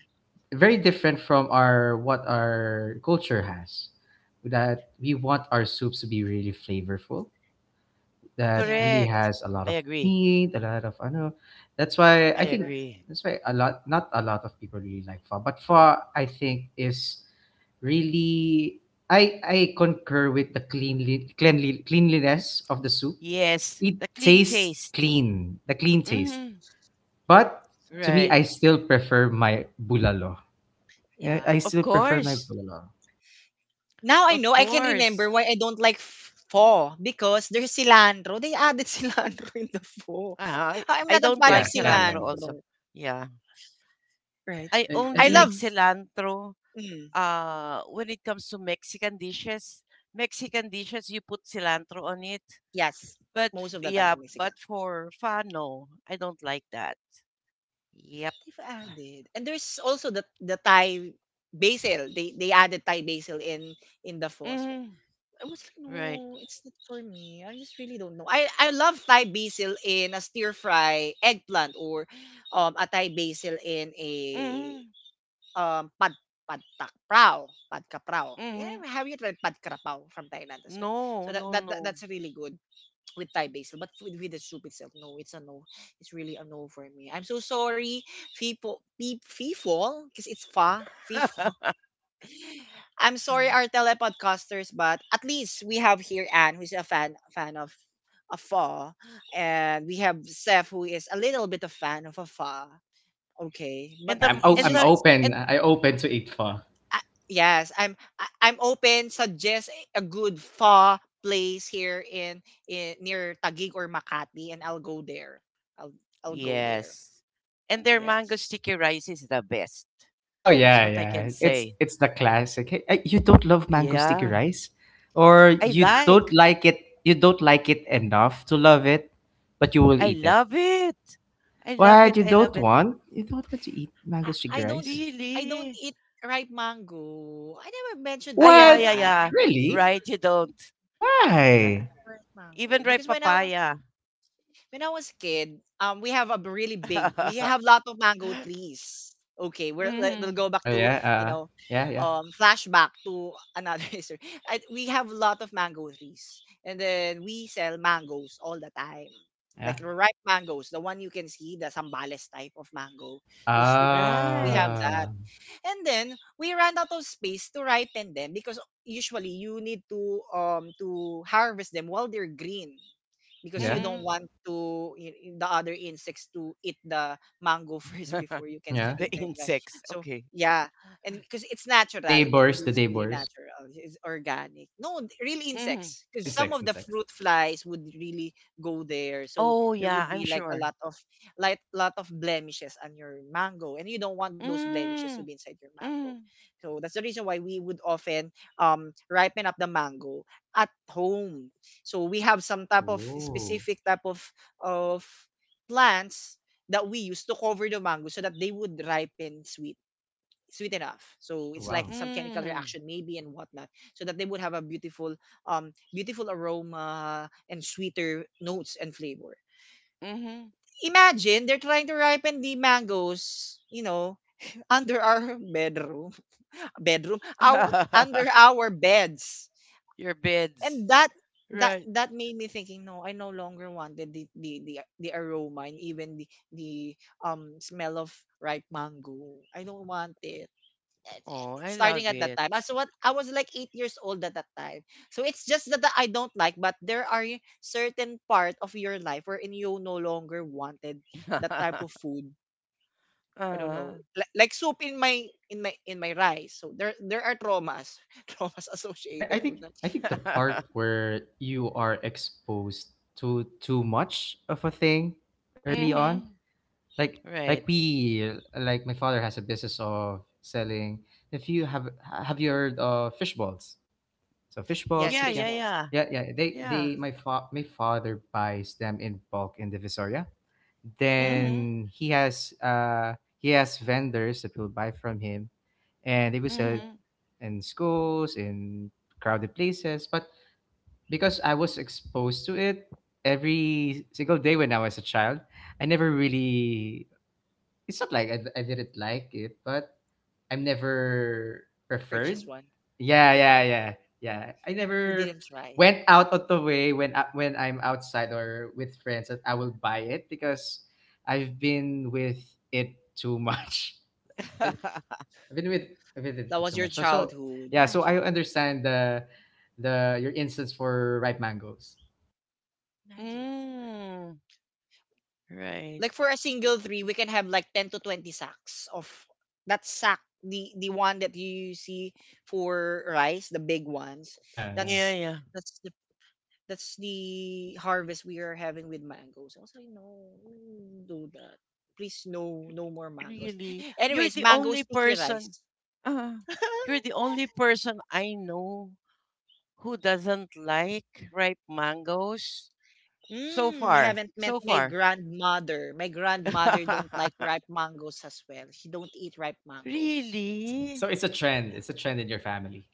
Very different from our what our culture has, that we want our soups to be really flavorful, that
yeah.
really
Correct.
has a lot
I
of
agree.
meat, a lot of, I know, that's why
I
i think
agree.
that's why a lot not a lot of people really like pho, but pho I think is really I concur with the cleanly cleanly cleanliness of the soup.
Yes.
It
The clean
tastes
taste.
clean, the clean taste,
Mm-hmm.
but to me
Right.
I still prefer my bulalo. I
Yeah.
still
Of
prefer my
course.
bulalo.
Now I know
Of
I can remember
course.
why I don't like pho, because there's cilantro. They added [laughs] cilantro in the pho.
Ah,
I'm
I
not a
Oh
don't
fan of
yeah,
like
yeah, yeah, yeah.
cilantro also.
cilantro,
Yeah.
Yeah.
right?
I
I
only
I
mean,
like
love
cilantro
mm,
when it comes to Mexican dishes, you put cilantro on it.
yes,
But f-
most of the time
yeah,
Mexican.
but for pho, no, I don't like that. Yep.
They've added, and there's also the Thai basil. They added Thai basil in the pho.
Hmm.
I was like,
Right.
no, it's not for me. I just really don't know. I love Thai basil in a stir fry eggplant or a Thai basil in a
Hmm.
um pad pad tak prao pad kaprao.
Hmm.
Yeah, have you tried pad kaprao from Thailand as well? So
No, no, no.
that's really good with Thai basil, but with the soup itself, no, it's a no. It's really a no for me. I'm so sorry, people, because it's fa, people. I'm sorry, our telepodcasters, but at least we have here Anne, who's a fan of a fa, and we have Seth, who is a little bit a fan of a fa. Okay, but
And
yeah, I'm
the
o
it's
and
am
the
just
open.
and
I open to eat pho.
I yes, I'm open. Suggest a good fa place in near Taguig or Makati, and I'll go there. I'll I'll go there.
yes, and their mango
Yes.
sticky rice is the best.
Oh
That's
yeah,
what I
yeah.
can
It's
say.
it's the classic. Hey, you don't love mango sticky
Yeah,
rice, or
I
you don't
like.
like it. You don't like it enough to love it, but you will
I
eat it.
love it. I love
What
it.
No,
you
I
don't
love it.
want? You don't want to eat
I,
mango sticky
I don't
rice?
I don't
Really.
eat ripe mango. I never mentioned
Ah,
that to
yeah,
you,
yeah,
What?
yeah.
Really?
Right, you don't.
I don't
Why?
Yeah.
prefer
Even
mango
ripe
because when
papaya.
when I was kid, we have a really big, we have
[laughs]
lot of mango trees. Okay, we're, we'll
Hmm.
go back
Oh,
to
yeah.
you know,
Yeah. Yeah.
flashback to another [laughs] history. We have a lot of mango trees, and then we sell mangoes all the time,
Yeah.
like ripe mangoes, the one you can see, the sambales type of mango, those sweet. We have
Right.
Ah.
that, and then we ran out of space to ripen them because usually you need to harvest them while they're green because
Yeah.
you don't
Hmm.
want to the other insects to eat the mango [laughs] first before you can
[laughs]
Yeah.
sell
The
them, right?
insects.
So
Okay.
yeah, and because it's natural,
The
what we
neighbors,
do
the
is really
neighbors.
natural, it's organic, no real
Hmm.
insects, because
And
some
sex
of
and
the
sex.
fruit flies would really go there, so
Oh,
there
yeah,
would
I'm
be like a
sure.
lot of like lot of blemishes on your mango, and you don't want those blemishes to be
Mm,
inside your mango.
mm,
So that's the reason why we would often ripen up the mango at home. So we have some type of
Oh.
specific type of of plants that we use to cover the mango so that they would ripen sweet enough. So
Oh,
it's like
wow.
some chemical
mm,
reaction maybe and whatnot. So that they would have a beautiful aroma and sweeter notes and flavor.
mm.
Imagine they're trying to ripen the mangoes, you know, under our bedroom. [laughs] Bedroom. Our
[laughs]
under our beds.
Your beds.
And that that
Right.
that made me thinking, no, I no longer wanted the aroma and even the smell of ripe mango. I don't want it,
Oh, I
starting
love
at that
it.
time, as what I was like 8 years old at that time. So it's just that I don't like, but there are certain part of your life wherein you no longer wanted
[laughs]
that
uh,
type of food. I don't know,
huh.
like soup in my in my rice. So there are traumas [laughs] traumas associated
I, I
to
think
that.
I think the part
[laughs]
where you are exposed to too much of a thing early on.
mm-hmm.
Like like
Right.
we like my father has a business of selling. If you have you heard of fish balls? So fish balls,
Yes,
Yeah,
fish
kikiam.
yeah,
balls.
yeah.
Yeah, yeah. They they
Yeah.
my fa- my father buys them in bulk in the Divisoria.
Hmm.
Mm-hmm.
Then he has vendors that will buy from him, and they will sell
Mm-hmm.
in schools, in crowded places. But because I was exposed to it every single day when I was a child, I never really, it's not like I didn't like it, but I'm never preferred.
Purchase one.
Yeah,
Yeah,
yeah, yeah, yeah. I
you
never
didn't try.
went out of the way when when I'm outside or with friends that I will buy it because I've been with it too much. [laughs] Like
[laughs]
I've been with it
That
for
was
too
your
much. So,
childhood.
yeah, so I understand the your instance for ripe mangoes.
Imagine that, right?
Mm, right.
Like for a single three, we can have like 10 to 20 sacks of that sack. The one that you see for rice, the big ones.
Yeah, yeah.
Yeah,
That's
yeah.
that's the that's the harvest we are having with mangoes. I was like, no, don't do that. Please, no, no more mangoes.
Really.
Anyways,
You're the
mango
only
sticky rice.
person. Uh,
[laughs]
you're the only person I know who doesn't like ripe mangoes so
Mm, you
far.
haven't met
So
my
far.
grandmother. My grandmother don't
[laughs]
like ripe mangoes as well. She don't eat ripe mangoes.
S-
Really?
So it's a trend.
Yeah.
It's a trend in your family.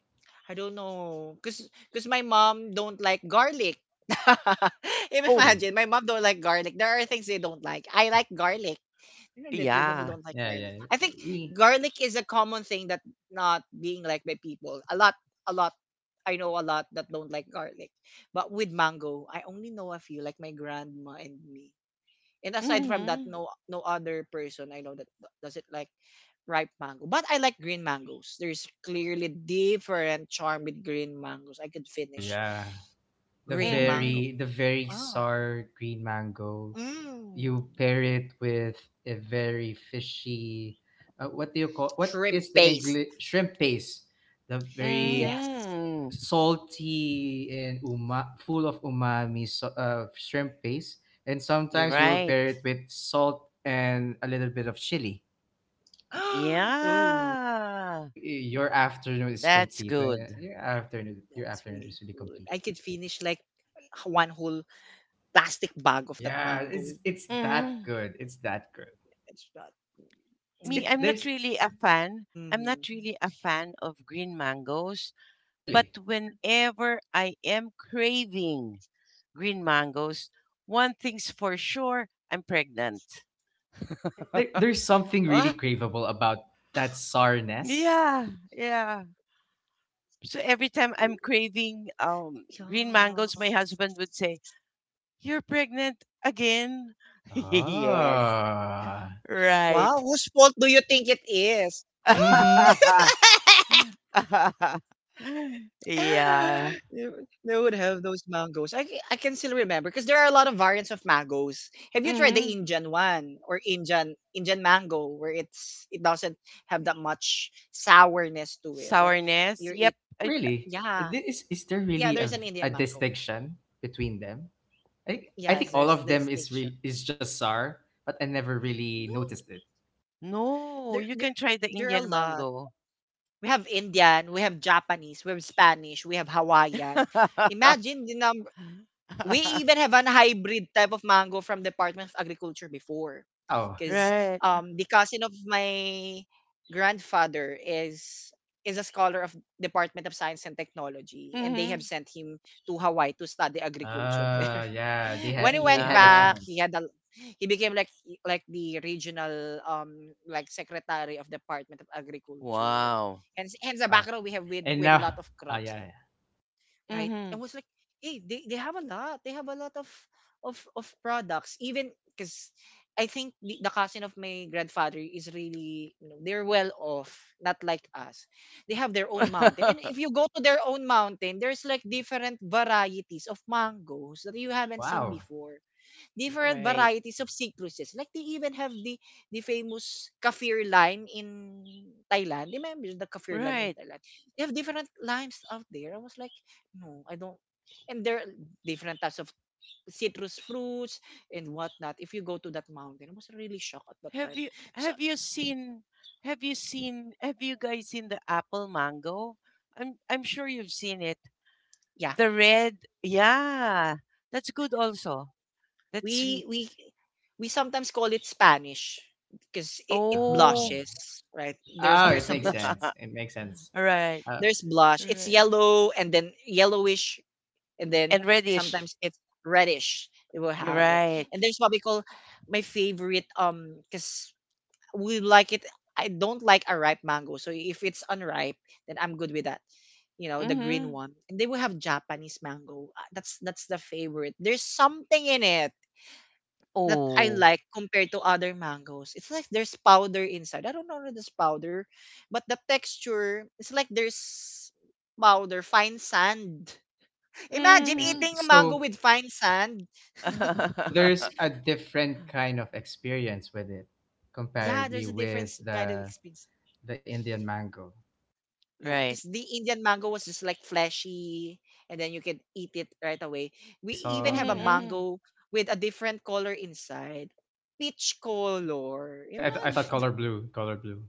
I don't know. Cause my mom don't like garlic. [laughs]
Oh,
Really?
Imagine, my mom don't like garlic. There are things they don't like. I like garlic. You know the people who
Yeah,
yeah.
don't like
yeah, yeah.
garlic. I think
We.
garlic is a common thing that not being liked by people. A lot. I know a lot that don't like garlic. But with mango, I only know a few, like my grandma and me. And aside from
Mm-hmm.
that, no other person I know that does it like ripe mango. But I like green mangoes. There's clearly different charm with green mangoes. I could
Oh, yeah.
finish
The
green
Mm-hmm.
very the
mango.
very
Ah.
sour green mango.
Mm.
You pair it with a very fishy what do you call, what is the
Shrimp
English
paste.
shrimp paste? The very
Yes.
Mm-hmm.
salty and uma full of umami, so, shrimp paste, and
You're
sometimes you will
right.
pair it with salt and a little bit of chili.
[gasps] Ooh,
Yeah.
Your afternoon is
That's
complete. When-
good.
Your afternoon your afternoon is
that
really
was
complete.
really good. I could finish like one whole plastic
Yeah,
bag
it's
of that
it's
mango.
that
Mm-hmm.
good. It's that good.
It's not.
It's
Me,
it.
I'm not
There's.
really a
Mm-hmm.
fan. I'm not really a fan of green mangoes, but
Really?
whenever I am craving green mangoes, one thing's for sure, I'm pregnant.
Yeah. There's something really craveable
Ah,
about that sourness.
Yeah, yeah. So every
It's
time
good.
I'm craving
yeah.
green mangoes, my husband would say, "You're pregnant again?" [laughs] Yes.
Ah.
Right.
Wow,
[laughs]
whose fault do you think it is?
Mm-hmm.
[laughs]
Yeah.
They would have those mangoes. I can still remember because there are a lot of variants of mangoes. Have you tried the
Mhm.
Indian one or Indian mango where it doesn't have that much sourness to it? Like
Sourness?
you
Yep.
eat
Oh,
I,
really?
yeah
Is there
yeah.
really
There's an
a
Indian mango.
distinction between them? I think
Yes,
all
there's
of
this
them is
tincture.
re- is just sour, but I never really
No,
noticed it.
no,
there
you
there
can try the
there are a
Indian
lot.
mango.
We have Indian, we have Japanese, we have Spanish, we have Hawaiian.
[laughs]
Imagine the number. We even have an hybrid type of mango from Department of Agriculture before because
Wow.
Right.
the cousin of my grandfather is a scholar of Department of Science and Technology, and they have
Mhm.
sent him to Hawaii to study agriculture [laughs] there.
Yeah, they
When
had
he
they
went
had a
Yeah.
back, he
chance.
had a he became like the regional like secretary of Department of Agriculture.
Wow.
Hence the
Wow.
background we have with
And
a
now
lot of
oh
crops,
yeah, yeah.
right? And
Mhm.
was like, hey, they have a lot. They have a lot of products. Even because I think the cousin of my grandfather is really, you know, they're well off, not like us. They have their own mountain, and
[laughs]
if you go to their own mountain, there's like different varieties of mangoes that you haven't seen
Wow.
before different
Right.
varieties of cichluses. Like they even have the famous kaffir lime in Thailand. Remember the kaffir lime in
Right.
Thailand? They have different limes out there. I was like, no, I don't. And there are different types of citrus fruits and whatnot. If you go to that mountain, I was really shocked at that time. So
Have you seen have you seen have you guys seen the apple mango? I'm sure you've seen it.
yeah,
The red. Yeah. That's good also. That's
we
sweet.
we we sometimes call it Spanish because it
Oh.
Oh.
blushes, right? There's
Oh,
there's
it
a
makes
blush.
sense.
[laughs]
It makes sense.
Right.
Uh,
There's blush. It's
Right.
yellow and then yellowish and then
And reddish.
sometimes it's reddish. It will have it,
Right.
and there's what we call my favorite because we like it. I don't like a ripe mango, so if it's unripe, then I'm good with that. You know the
Mm-hmm.
green one, and they will have Japanese mango. Ah, that's the favorite. There's something in it that I
Oh.
like compared to other mangoes. It's like there's powder inside. I don't know if there's powder, but the texture it's like there's powder, fine sand. Imagine
Uh, s-
Mm-hmm.
eating a mango
So,
with fine sand.
so
[laughs]
there's a different kind of experience with it,
Yeah, there's
comparably
a
with
difference kind of
the
experience.
the Indian mango.
Yeah,
right.
because the Indian mango was just like fleshy, and then you can eat it right away.
Very
We even
soft.
have
Mm-hmm,
a
Yeah,
mm-hmm.
mango with a different color inside, peach color.
I thought
Imagine.
color blue,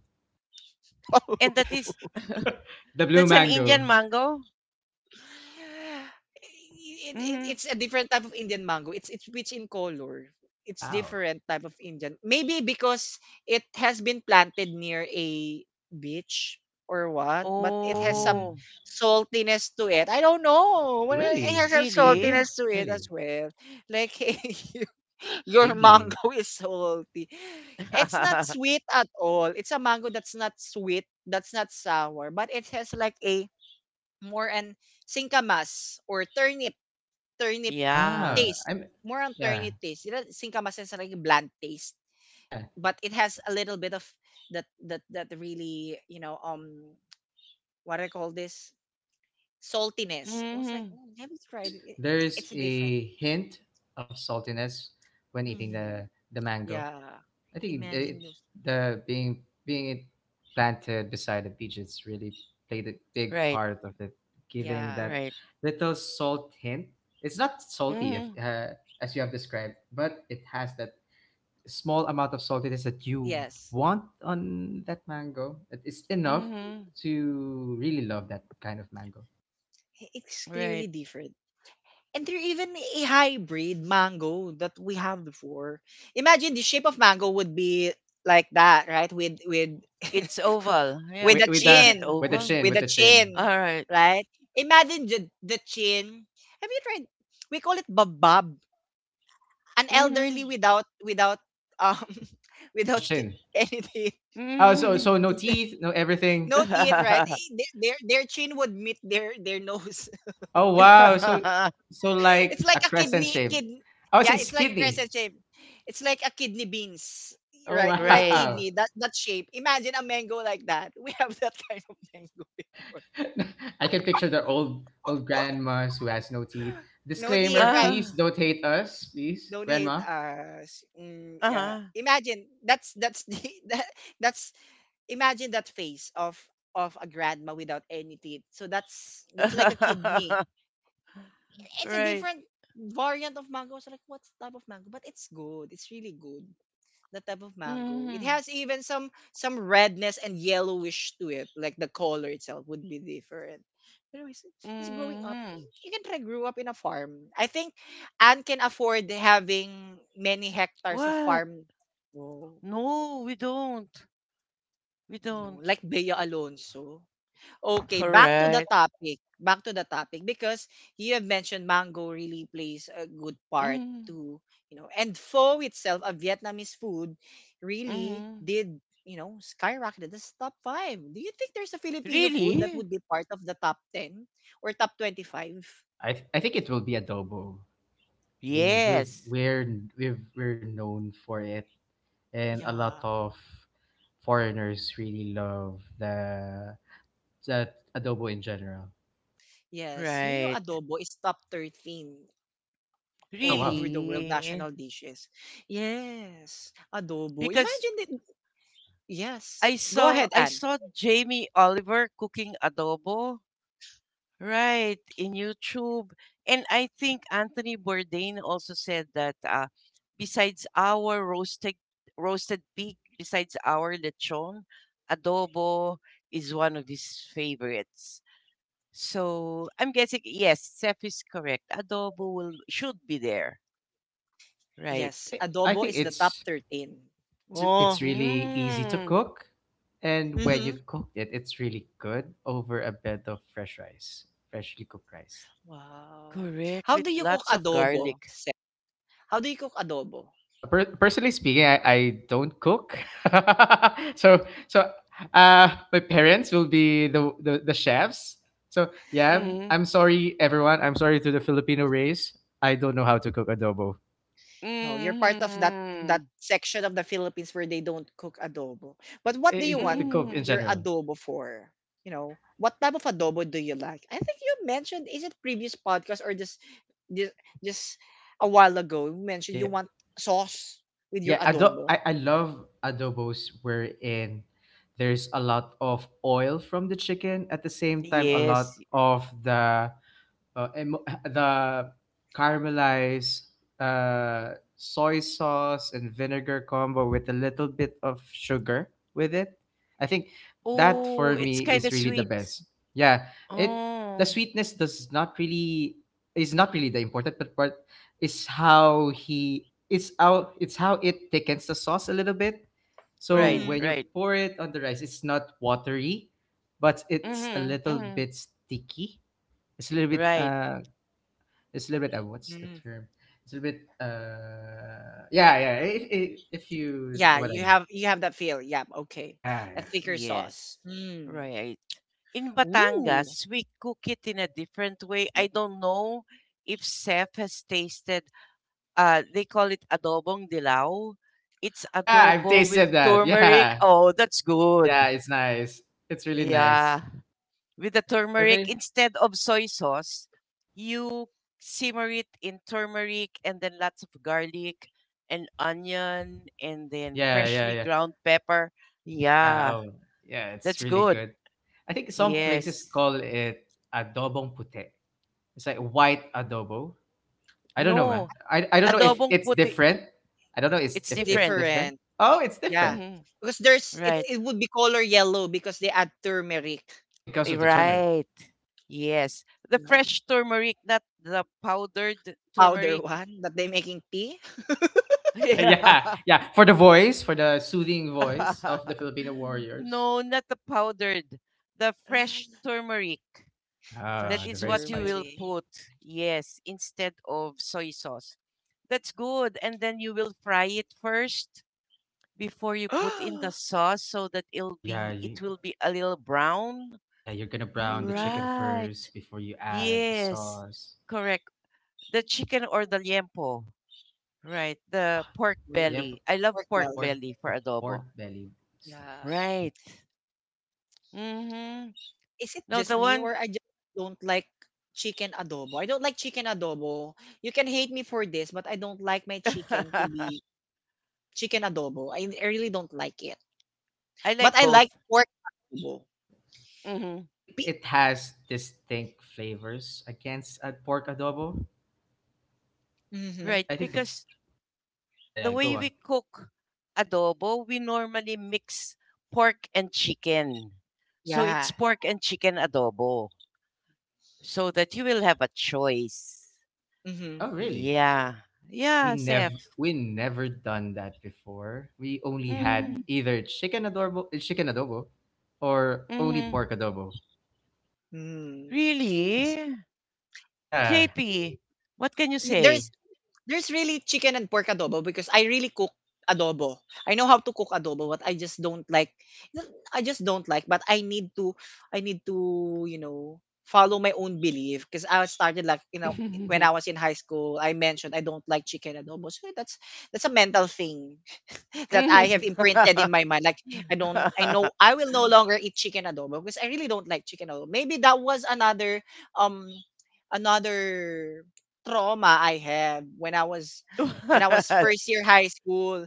[laughs] That.
And that is,
[laughs] the blue
that's an
mango.
Indian mango? Mm-hmm.
It's a different type of Indian mango. It's rich in color. It's
Wow.
different type of Indian. Maybe because it has been planted near a beach or what, but it has some
Mm.
Oh.
saltiness to it. I don't know. Well, it has
Really,
a
really,
Really?
saltiness to it as
really.
well. Like [laughs] your
Maybe.
mango is salty. It's not
[laughs]
sweet at all. It's a mango that's not sweet, that's not sour, but it has like a more on singkamas or turnip
Yeah.
Ah,
taste,
I'm.
more on
Yeah,
turnip taste, you know, singkamas is like a bland taste,
yeah.
but it has a little bit of that really, you know, what I call this saltiness. I was like,
Mm-hmm.
mm, have you
There's
tried it? It-
there's
it's a different
a hint of saltiness when eating the
mm,
the mango.
yeah,
I think it,
imagine
it-
this,
The being being it planted beside the beach, it's really played a big
Right.
part of it, giving
yeah,
that
Right.
little salt hint. It's not salty if,
Mm-hmm.
as you have described, but it has that small amount of saltiness that you
yes.
want on that mango. It is enough
Mm-hmm.
to really love that kind of mango.
I- it's clearly
Right.
different. And there even a hybrid mango that we have before. Imagine the shape of mango would be like that, right? With
It's
[laughs]
oval.
With,
Yeah.
with
with,
a
with
Is
the
it
chin,
with the
oval?
with a chin,
All right.
right? Imagine the chin. Have you tried? We call it babab, an
Mm-hmm.
elderly without um [laughs] without
touch
t-
chin.
anything,
Oh, so
Mm-hmm.
so no teeth, no everything.
no teeth, right? Eh, their, their chin would meet their nose.
Oh wow. So
[laughs]
so
[laughs] It's
like
like
a
a
crescent
kidney
shape.
kid.
I was
Yeah, it's
it's
like a
kidney.
crescent shape. It's like a kidney beans,
Oh
right? Like
right.
wow.
kidney that shape. Imagine a mango like that. [laughs] We have that [laughs] kind of mango before.
[laughs] I can picture the old old grandmas who has no teeth.
No hate,
Disclaimer,
right?
please
Ah.
don't hate us, please,
Don't hate
grandma.
us. Mm, yeah.
Uh
Imagine that's the [laughs] that, that's imagine that face of a grandma without any teeth. So that's like a kidney.
huh. [laughs]
It's a
right.
different variant of mango. So like what's type of mango? But it's good. It's really good. The type of
Mm
mango. It
hmm.
has even some redness and yellowish to it. Like the color itself would be different. But anyways, just growing
Mm
up,
hmm.
you can try grew up in a farm. I think Anne can afford having many hectares of
What?
farm. Oh,
No, we don't. We
no,
don't.
like Bea Alonso.
[laughs]
Okay,
All
back to the
right.
topic. Back to the topic because you have mentioned mango really plays a good part
Mm
to, you know, and pho itself, a Vietnamese food, really
hmm.
did, you know, skyrocketed this top five. Do you think there's a Filipino food that
Really?
would be part of the top 10 or top 25?
I think it will be adobo. I think
Eh,
Yes.
we're known for it, and a lot
yeah.
of foreigners really love the adobo in general.
Yes. You know,
Right.
adobo is top 13
Oh
all
wow.
over the world
Really?
national dishes. Yes. Adobo.
Because
Imagine it. Yes.
I
Go
saw
ahead, Anne.
Jamie Oliver cooking adobo, right, in YouTube. And I think Anthony Bourdain also said that besides our roasted pig, besides our lechon, adobo is one of his favorites. So I'm guessing yes, Seth is correct. Adobo will should be there. Right.
I
Yes,
think I
adobo
think
is the top
it's
13.
it's
Oh.
really easy to
Mm,
cook, and when you
Mm-hmm.
cook it, it's really good over a bed of fresh rice, freshly cooked rice.
Wow.
correct,
How
with
do you cook
lots of
adobo?
garlic.
How do you cook adobo?
Personally speaking, I don't cook, [laughs] so so my parents will be the chefs. So yeah,
Mm,
I'm sorry everyone. I'm sorry to the Filipino race. I don't know how to cook adobo.
No, you're part of that
mm,
section of the Philippines where they don't cook adobo. But what do
I,
you
the
want
cook in
mm.
your
general.
adobo for? You know, what type of adobo do you like? I think you mentioned is it previous podcast or just, just a while ago you mentioned
Yeah.
you want sauce with your adobo.
I love adobos wherein there's a lot of oil from the chicken, at the same time a lot
Yes.
of the [laughs] the caramelized uh, soy sauce and vinegar combo with a little bit of sugar with it. I think that for
Oh,
me
it's kind
is
of
really the
sweet.
best. Yeah, it the
Oh,
sweetness does not really is not really the important, but part is how he it's out it's how it thickens the sauce a little bit.
right,
So
Mm-hmm.
when you
right.
pour it on the rice, it's not watery, but it's a
Mm-hmm,
little
mm-hmm.
bit sticky, it's a little bit
Right.
what's the term? It's a little bit yeah, yeah. If you
Yeah,
know what I mean.
you have that feel. Yeah, okay.
Yeah,
A
yeah.
thicker sauce.
Yes.
Mm.
Right. In
Ooh.
Batangas, we cook it in a different way. I don't know if Chef has tasted, they call it adobong dilaw. It's
Yeah, I've
adobo with
tasted that.
turmeric.
Yeah.
Oh, that's
Yeah,
good.
it's nice. It's really nice.
Yeah, with the
Are
turmeric
they?
instead of soy sauce. You simmer it in turmeric and then lots of garlic and onion and then
Yeah, yeah,
freshly
yeah.
ground pepper.
Yeah,
Yeah,
oh. Yeah, it's
that's
really
good.
good. I think some places
Yes.
call it adobong pute. It's like white adobo. I don't
No,
know, man. I don't
Oh
know
no,
if
adobong
it's
puti,
different. I don't know it's,
it's
it's
if it's
different.
different.
different.
Oh, it's
Yeah.
different
Hmm.
Because there's it's
Right.
it would be color yellow because they add turmeric.
because
Eh,
of the turmeric.
right. Yes. The
Yes.
fresh turmeric, not the powdered
Powder
turmeric.
one that they making tea.
[laughs]
[laughs]
Yeah.
Yeah, yeah. For the voice, for the soothing voice of
[laughs]
the Filipino warriors.
No, not the powdered, the fresh
[laughs]
turmeric.
Ah,
That
Fresh
the
is
very
what you
spicy.
will
turmeric.
put, yes, instead of soy sauce. That's good. And then you will fry it first before you put in the
[gasps]
sauce so that
Oh
it'll
yeah,
be it will be a little brown.
yeah. You're gonna brown the chicken
Mm.
first
Right.
before you add the
Yes.
sauce.
Correct. The chicken or the liempo. Right. The
Ah,
pork
the
Pork
belly. I love
pork
the
pork
belly.
pork,
belly for
the pork
adobo.
belly is
Yeah.
nice.
Right. Mhm.
Is it
No,
just
the
me
one
or I just don't like chicken adobo? I don't like chicken adobo. You can hate me for this, but I don't like my
[laughs]
chicken
I
to be chicken adobo. I really don't like it.
like
But I
both.
like pork adobo.
Hmm.
Like
Pe-
it has distinct flavors against a pork adobo.
hmm.
Right,
I think the
because
yeah,
the
yeah. Go
way
on.
we cook adobo, we normally mix pork and chicken. So
Yeah.
it's pork and chicken adobo, so that you will have a choice.
Mm-hmm.
Oh really?
Yeah,
We
yeah,
never
Seth.
we never done that before. We only had
Mm-hmm.
either chicken adobo, or only
Mm-hmm.
pork adobo.
Mm. That's so-
Really,
Yeah,
JP? What can you
true. Y-
say?
There's
[laughs]
there's really chicken and pork adobo because I really cook adobo. I know how to cook adobo, but I just don't like, but I need to, you know, follow my own belief because I started like, you know, when I was in high school, I mentioned I don't like chicken adobo. So that's a mental thing. [laughs] That I
Mhm.
have imprinted in my mind. Like I
[laughs]
don't, I know
What?
I will no longer eat chicken adobo because I really don't like chicken adobo. Maybe that was another, um, another trauma I had when I was first year high school.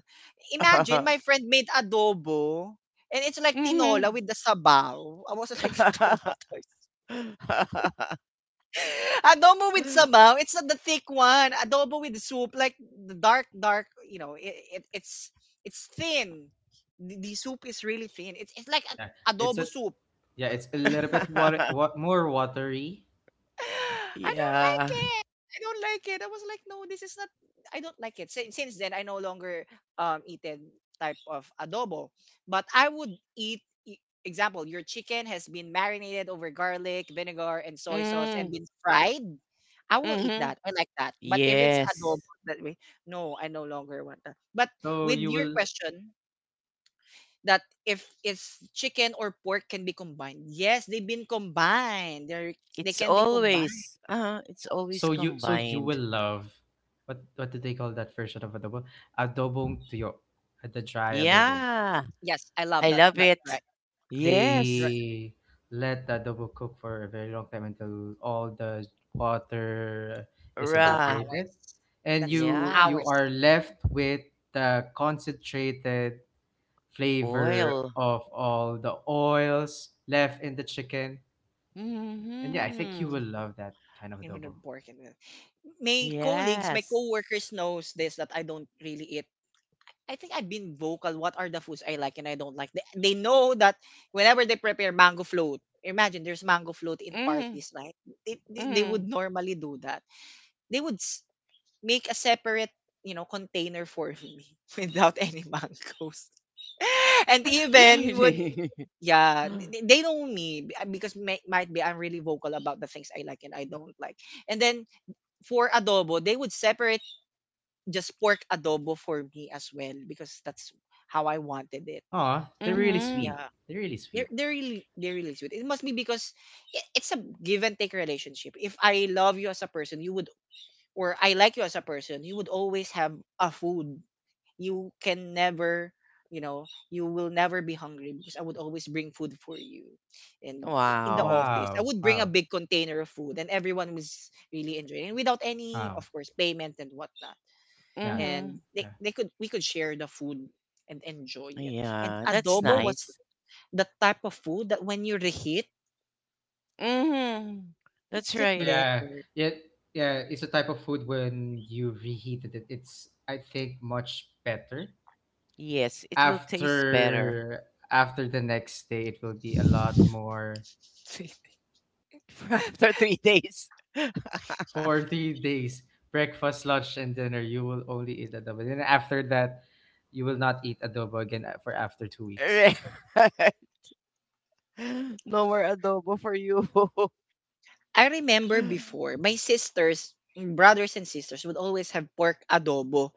Imagine my
[laughs]
friend made adobo. And it's like tinola
Mhm.
with the sabaw. I was like [laughs] traumatized
[laughs] [laughs]
adobo with sabaw. It's not the thick one. Adobo with soup, like the dark, dark. You know, it's thin. The soup is really thin. It's like
yeah.
a,
It's
adobo
a
soup.
Yeah. It's a little bit water, what more watery.
[laughs] I don't like
yeah.
it. I don't like it. I was like, no, this is not. I don't like it. Since then, I no longer eat that type of adobo. But I would eat. Example: your chicken has been marinated over garlic, vinegar, and soy sauce, and
Mm,
been fried. I will eat
mm-hmm.
that. I like that. But if it's
Yes.
adobo that way, no, I no longer want that. But
So
with
you
your
will
question, that if it's chicken or pork can be combined, yes, they've been combined. They
It's
can be combined.
always uh it's always
so you will
combined.
love. What do they call that version of adobo? Adobong tuyo, the dry adobo.
Yeah.
Yes, I love
I
that
love it.
drive. That drive
Yes.
They let the adobo cook for a very long time until all the water is
two
Ra.
hours.
evaporated, and
That's two
Yeah.
you
hours.
are left with the concentrated flavor
Oil.
of all the oils left in the chicken, and yeah, I think you will
Mm-hmm.
No,
love that kind of
I
adobo.
wouldn't work in it. My colleagues, my
Yes.
coworkers knows this that I don't really eat. I think I've been vocal. What are the foods I like and I don't like? They know that whenever they prepare mango float, imagine there's mango float in
Mm-hmm.
parties, right? They
Mm-hmm.
would normally do that. They would. Make a separate, you know, container for me [laughs] without any mangoes. [laughs] And
Yeah, yeah.
even would,
Really? [laughs]
yeah, they know me because might be I'm really vocal about the things I like and I don't like. And then for adobo they would separate just pork adobo for me as well because that's how I wanted it.
Oh, they're really
mm-hmm.
Yeah,
sweet. They're really sweet.
they're really sweet. It must be because it's a give and take relationship. If I love you as a person, you would, or I like you as a person, you would always have a food. You can never, you know you will never be hungry because I would always bring food for you. And
Oh,
in the
Wow.
office I
wow,
would bring a
wow,
big container of food and everyone was really enjoying, and without any
wow.
of course payment and whatnot.
Yeah,
Mm-hmm.
And
yeah,
they could we could share the food and enjoy it. And
Yeah, that's
adobo
yeah.
was
nice.
the type of food that when you reheat,
Mm-hmm.
it's
That's
get
Oh
right.
yeah,
better.
yeah, yeah. It's a type of food when you reheated it, it's I think much better
Yes, it will taste better
after the next day. It will be a lot more.
[laughs]
[laughs] after 3 days. [laughs]
For 3 days, breakfast, lunch, and dinner, you will only eat adobo. Then after that, you will not eat adobo again for after 2 weeks.
Right. [laughs] No more adobo for you. [laughs]
I remember before my sisters brothers and sisters would always have pork adobo.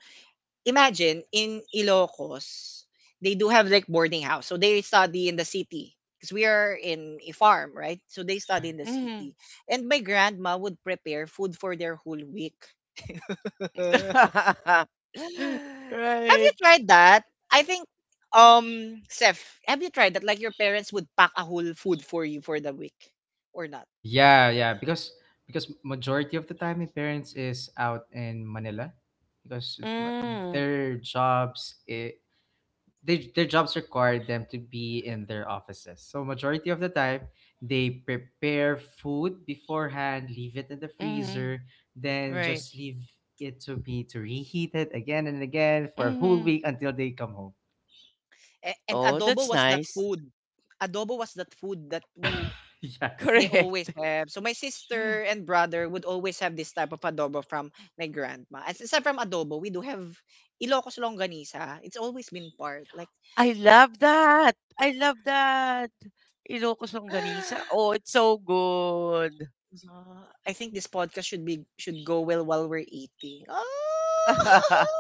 Imagine in Ilocos, they do have like boarding house. So they study in the city because we are in a farm, right? So they
Yeah,
study in the
Mm.
city. And my grandma would prepare food for their whole week. [sighs] [laughs] Have
[laughs]
you
right.
tried that? I think Seth, have you tried that, like your parents would pack a whole food for you for the week or not?
yeah, yeah. Because majority of the time, my parents is out in Manila because m-
Mm.
their jobs. It. They, their jobs require them to be in their offices. So majority of the time, they prepare food beforehand, leave it in the
Hmm.
freezer, then
Right.
just leave it to be, to reheat it again and again for a whole
Hmm.
week until they come home.
And
Oh,
adobo
that's
was that
nice.
food. Adobo was that food that
Yeah.
we
[laughs] Yes.
They always
Correct.
have. So my sister
[laughs]
and brother would always have this type of adobo from my grandma. As aside from adobo, we do have Ilocos longganisa. It's always been part. Like
I love that. I love that. Ilocos Longganisa.
[gasps]
Oh, it's so good.
yeah, I think this podcast should go well while we're eating. [laughs]
[laughs]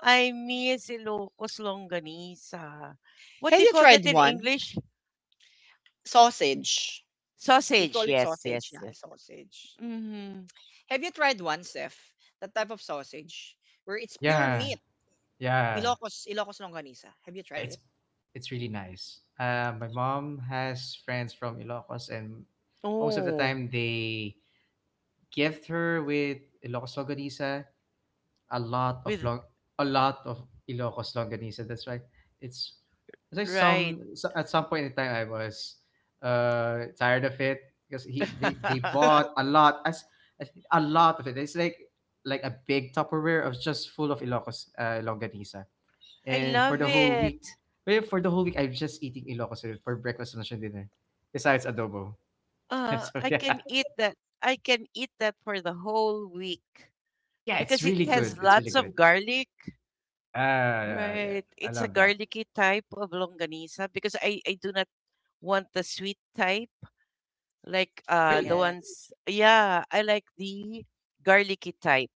I miss Ilocos longanisa.
Have
What do
you
you call
tried
that in
one?
English?
Sausage. We call
Sausage.
it
Yes,
sausage na,
yes, yes.
sausage.
Mm-hmm.
Have you tried one, Seth? That type of sausage where it's pure
Yeah.
meat.
Yeah.
Ilocos longganisa. Have you
Yeah.
tried it?
It's really nice. My mom has friends from Ilocos, and most of the
Oh,
time they gift her with Ilocos Logariza a lot of
with
long a lot of Ilocos longganisa. That's why it's it's like some,
right.
so at some point in time I was tired of it because he they
[laughs]
bought a lot as a lot of it. It's like a big Tupperware of just full of Ilocos longganisa.
I
And
love
for the
Yeah.
whole
it.
week, well, for the whole week I'm just eating Ilocos for breakfast, lunch, and dinner. Besides adobo. [laughs] So
I
yeah.
can eat that. I can eat that for the whole week
But yeah, it's
because it
really
Yeah.
good.
has
It's really
lots
good.
of garlic.
Yeah, yeah, yeah.
Right.
I
It's a
love that.
garlicky type of longanisa because I do not want the sweet type. Like
Oh,
the
really?
Yes.
ones, yeah, I like the garlicky type.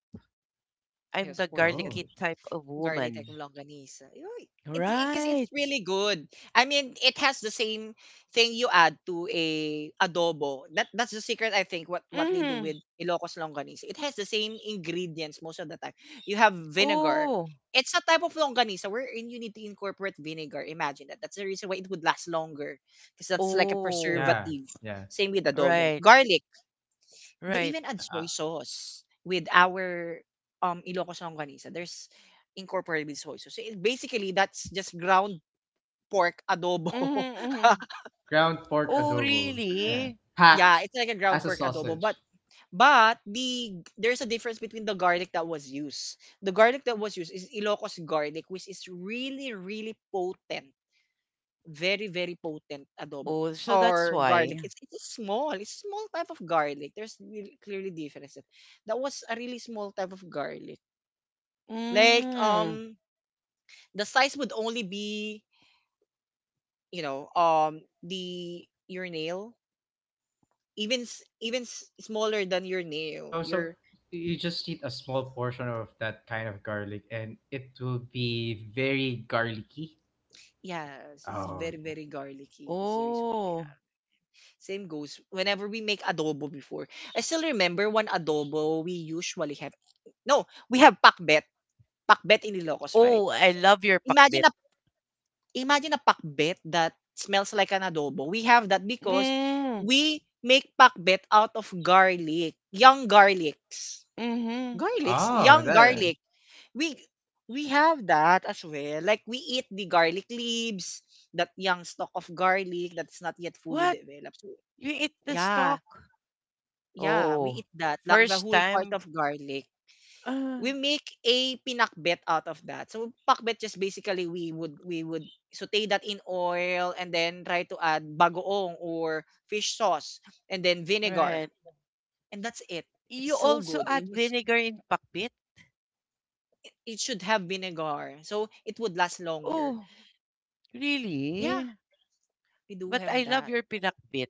I'm
Yes,
the
for the
Oh,
garlicky type of
garlic egg
woman.
longganisa. Because it, because it's
Right.
really good. I mean, it has the same thing you add to a adobo. That's the secret, I think. What they do
Mm-hmm.
with Ilocos longganisa, it has the same ingredients most of the time. You have vinegar.
Oh,
It's a type of longganisa wherein you need to incorporate vinegar. Imagine that. That's the reason why it would last longer, because that's like a
oh,
yeah,
preservative.
yeah,
Same with adobo,
right,
garlic. They
right.
even add
yeah.
soy sauce with our Ilocos longganisa. There's incorporated with soy sauce. So it, basically, that's just ground pork adobo.
Mm-hmm, mm-hmm.
[laughs]
Ground pork
Oh,
adobo.
really?
Yeah,
Yeah,
packed
it's like a
as
ground
a
pork adobo,
sausage.
but there's a difference between the garlic that was used. The garlic that was used is Ilocos garlic, which is really really potent. Very very potent adobo
Oh, so that's
or
why.
garlic. It's small. It's small type of garlic. There's really, clearly differences. That was a really small type of garlic. Like
Mm.
the size would only be, the your nail, even smaller than your
Oh,
nail.
so
Your,
you just need a small portion of that kind of garlic, and it will be very garlicky.
yeah, this is
Oh,
very very garlicky. That's the reason why.
Oh,
Same goes whenever we make adobo before. I still remember one adobo we usually have. No, we have pakbet. Pakbet in Ilocos, right?
oh, I love your
Imagine
pakbit.
a Imagine a pakbet that smells like an adobo. We have that because
Mm.
we make pakbet out of garlic, young garlics.
Mm-hmm.
Garlics,
oh,
young
that.
garlic. We we have that as well. Like we eat the garlic leaves, that young stalk of garlic that's not yet fully
What?
developed. So,
You eat the
yeah,
stock?
yeah, we
Oh,
eat that. Like the
first
whole part
time.
of garlic.
Uh,
We make a pinakbet out of that. So pakbet just basically we would saute that in oil and then try to add bagoong or fish sauce and then vinegar,
Right.
and that's it. It's
You
so
also
good.
add
It was,
vinegar in pakbit?
it should have vinegar so it would last longer.
Oh,
Yeah,
really?
we do
But I
have
love
that.
your pinakbit.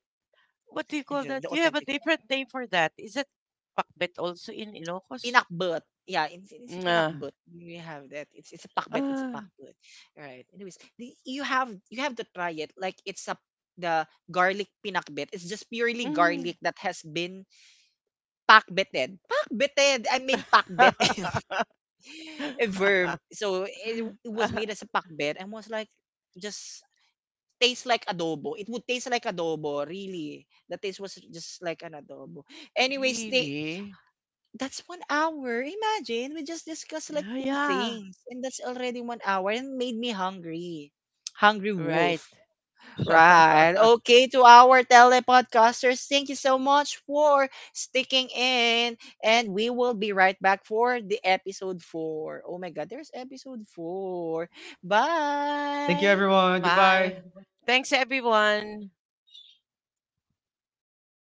What do you call that?
Yun, the
You have a
authentic
different name for that. Is that pakbit also in Ilocos?
pinakbet. Yeah, it's a
Nga.
pinakbet. You have that. It's a pakbet. It's a
Ah.
pakbet. Right. Anyways, the, you have to try it. Like it's a, the garlic pinakbet. It's just purely
Mm.
garlic that has been pakbeted. Pakbeted. I made pakbet
[laughs]
[laughs] a verb. So it was made as a pakbet and was like just tastes like adobo. It would taste like adobo, really. The taste was just like an adobo. Anyways, they,
Really?
that's 1 hour. Imagine, we just discussed like
Yeah,
2
yeah.
things and that's already 1 hour and made me hungry. Hungry wolf.
Right.
Right.
[laughs]
Okay, to our telepodcasters, thank you so much for sticking in. And we will be right back for the episode 4. Oh my God, there's episode 4.
Thank you,
Bye.
everyone.
Bye.
Goodbye.
Thanks, everyone. Bye.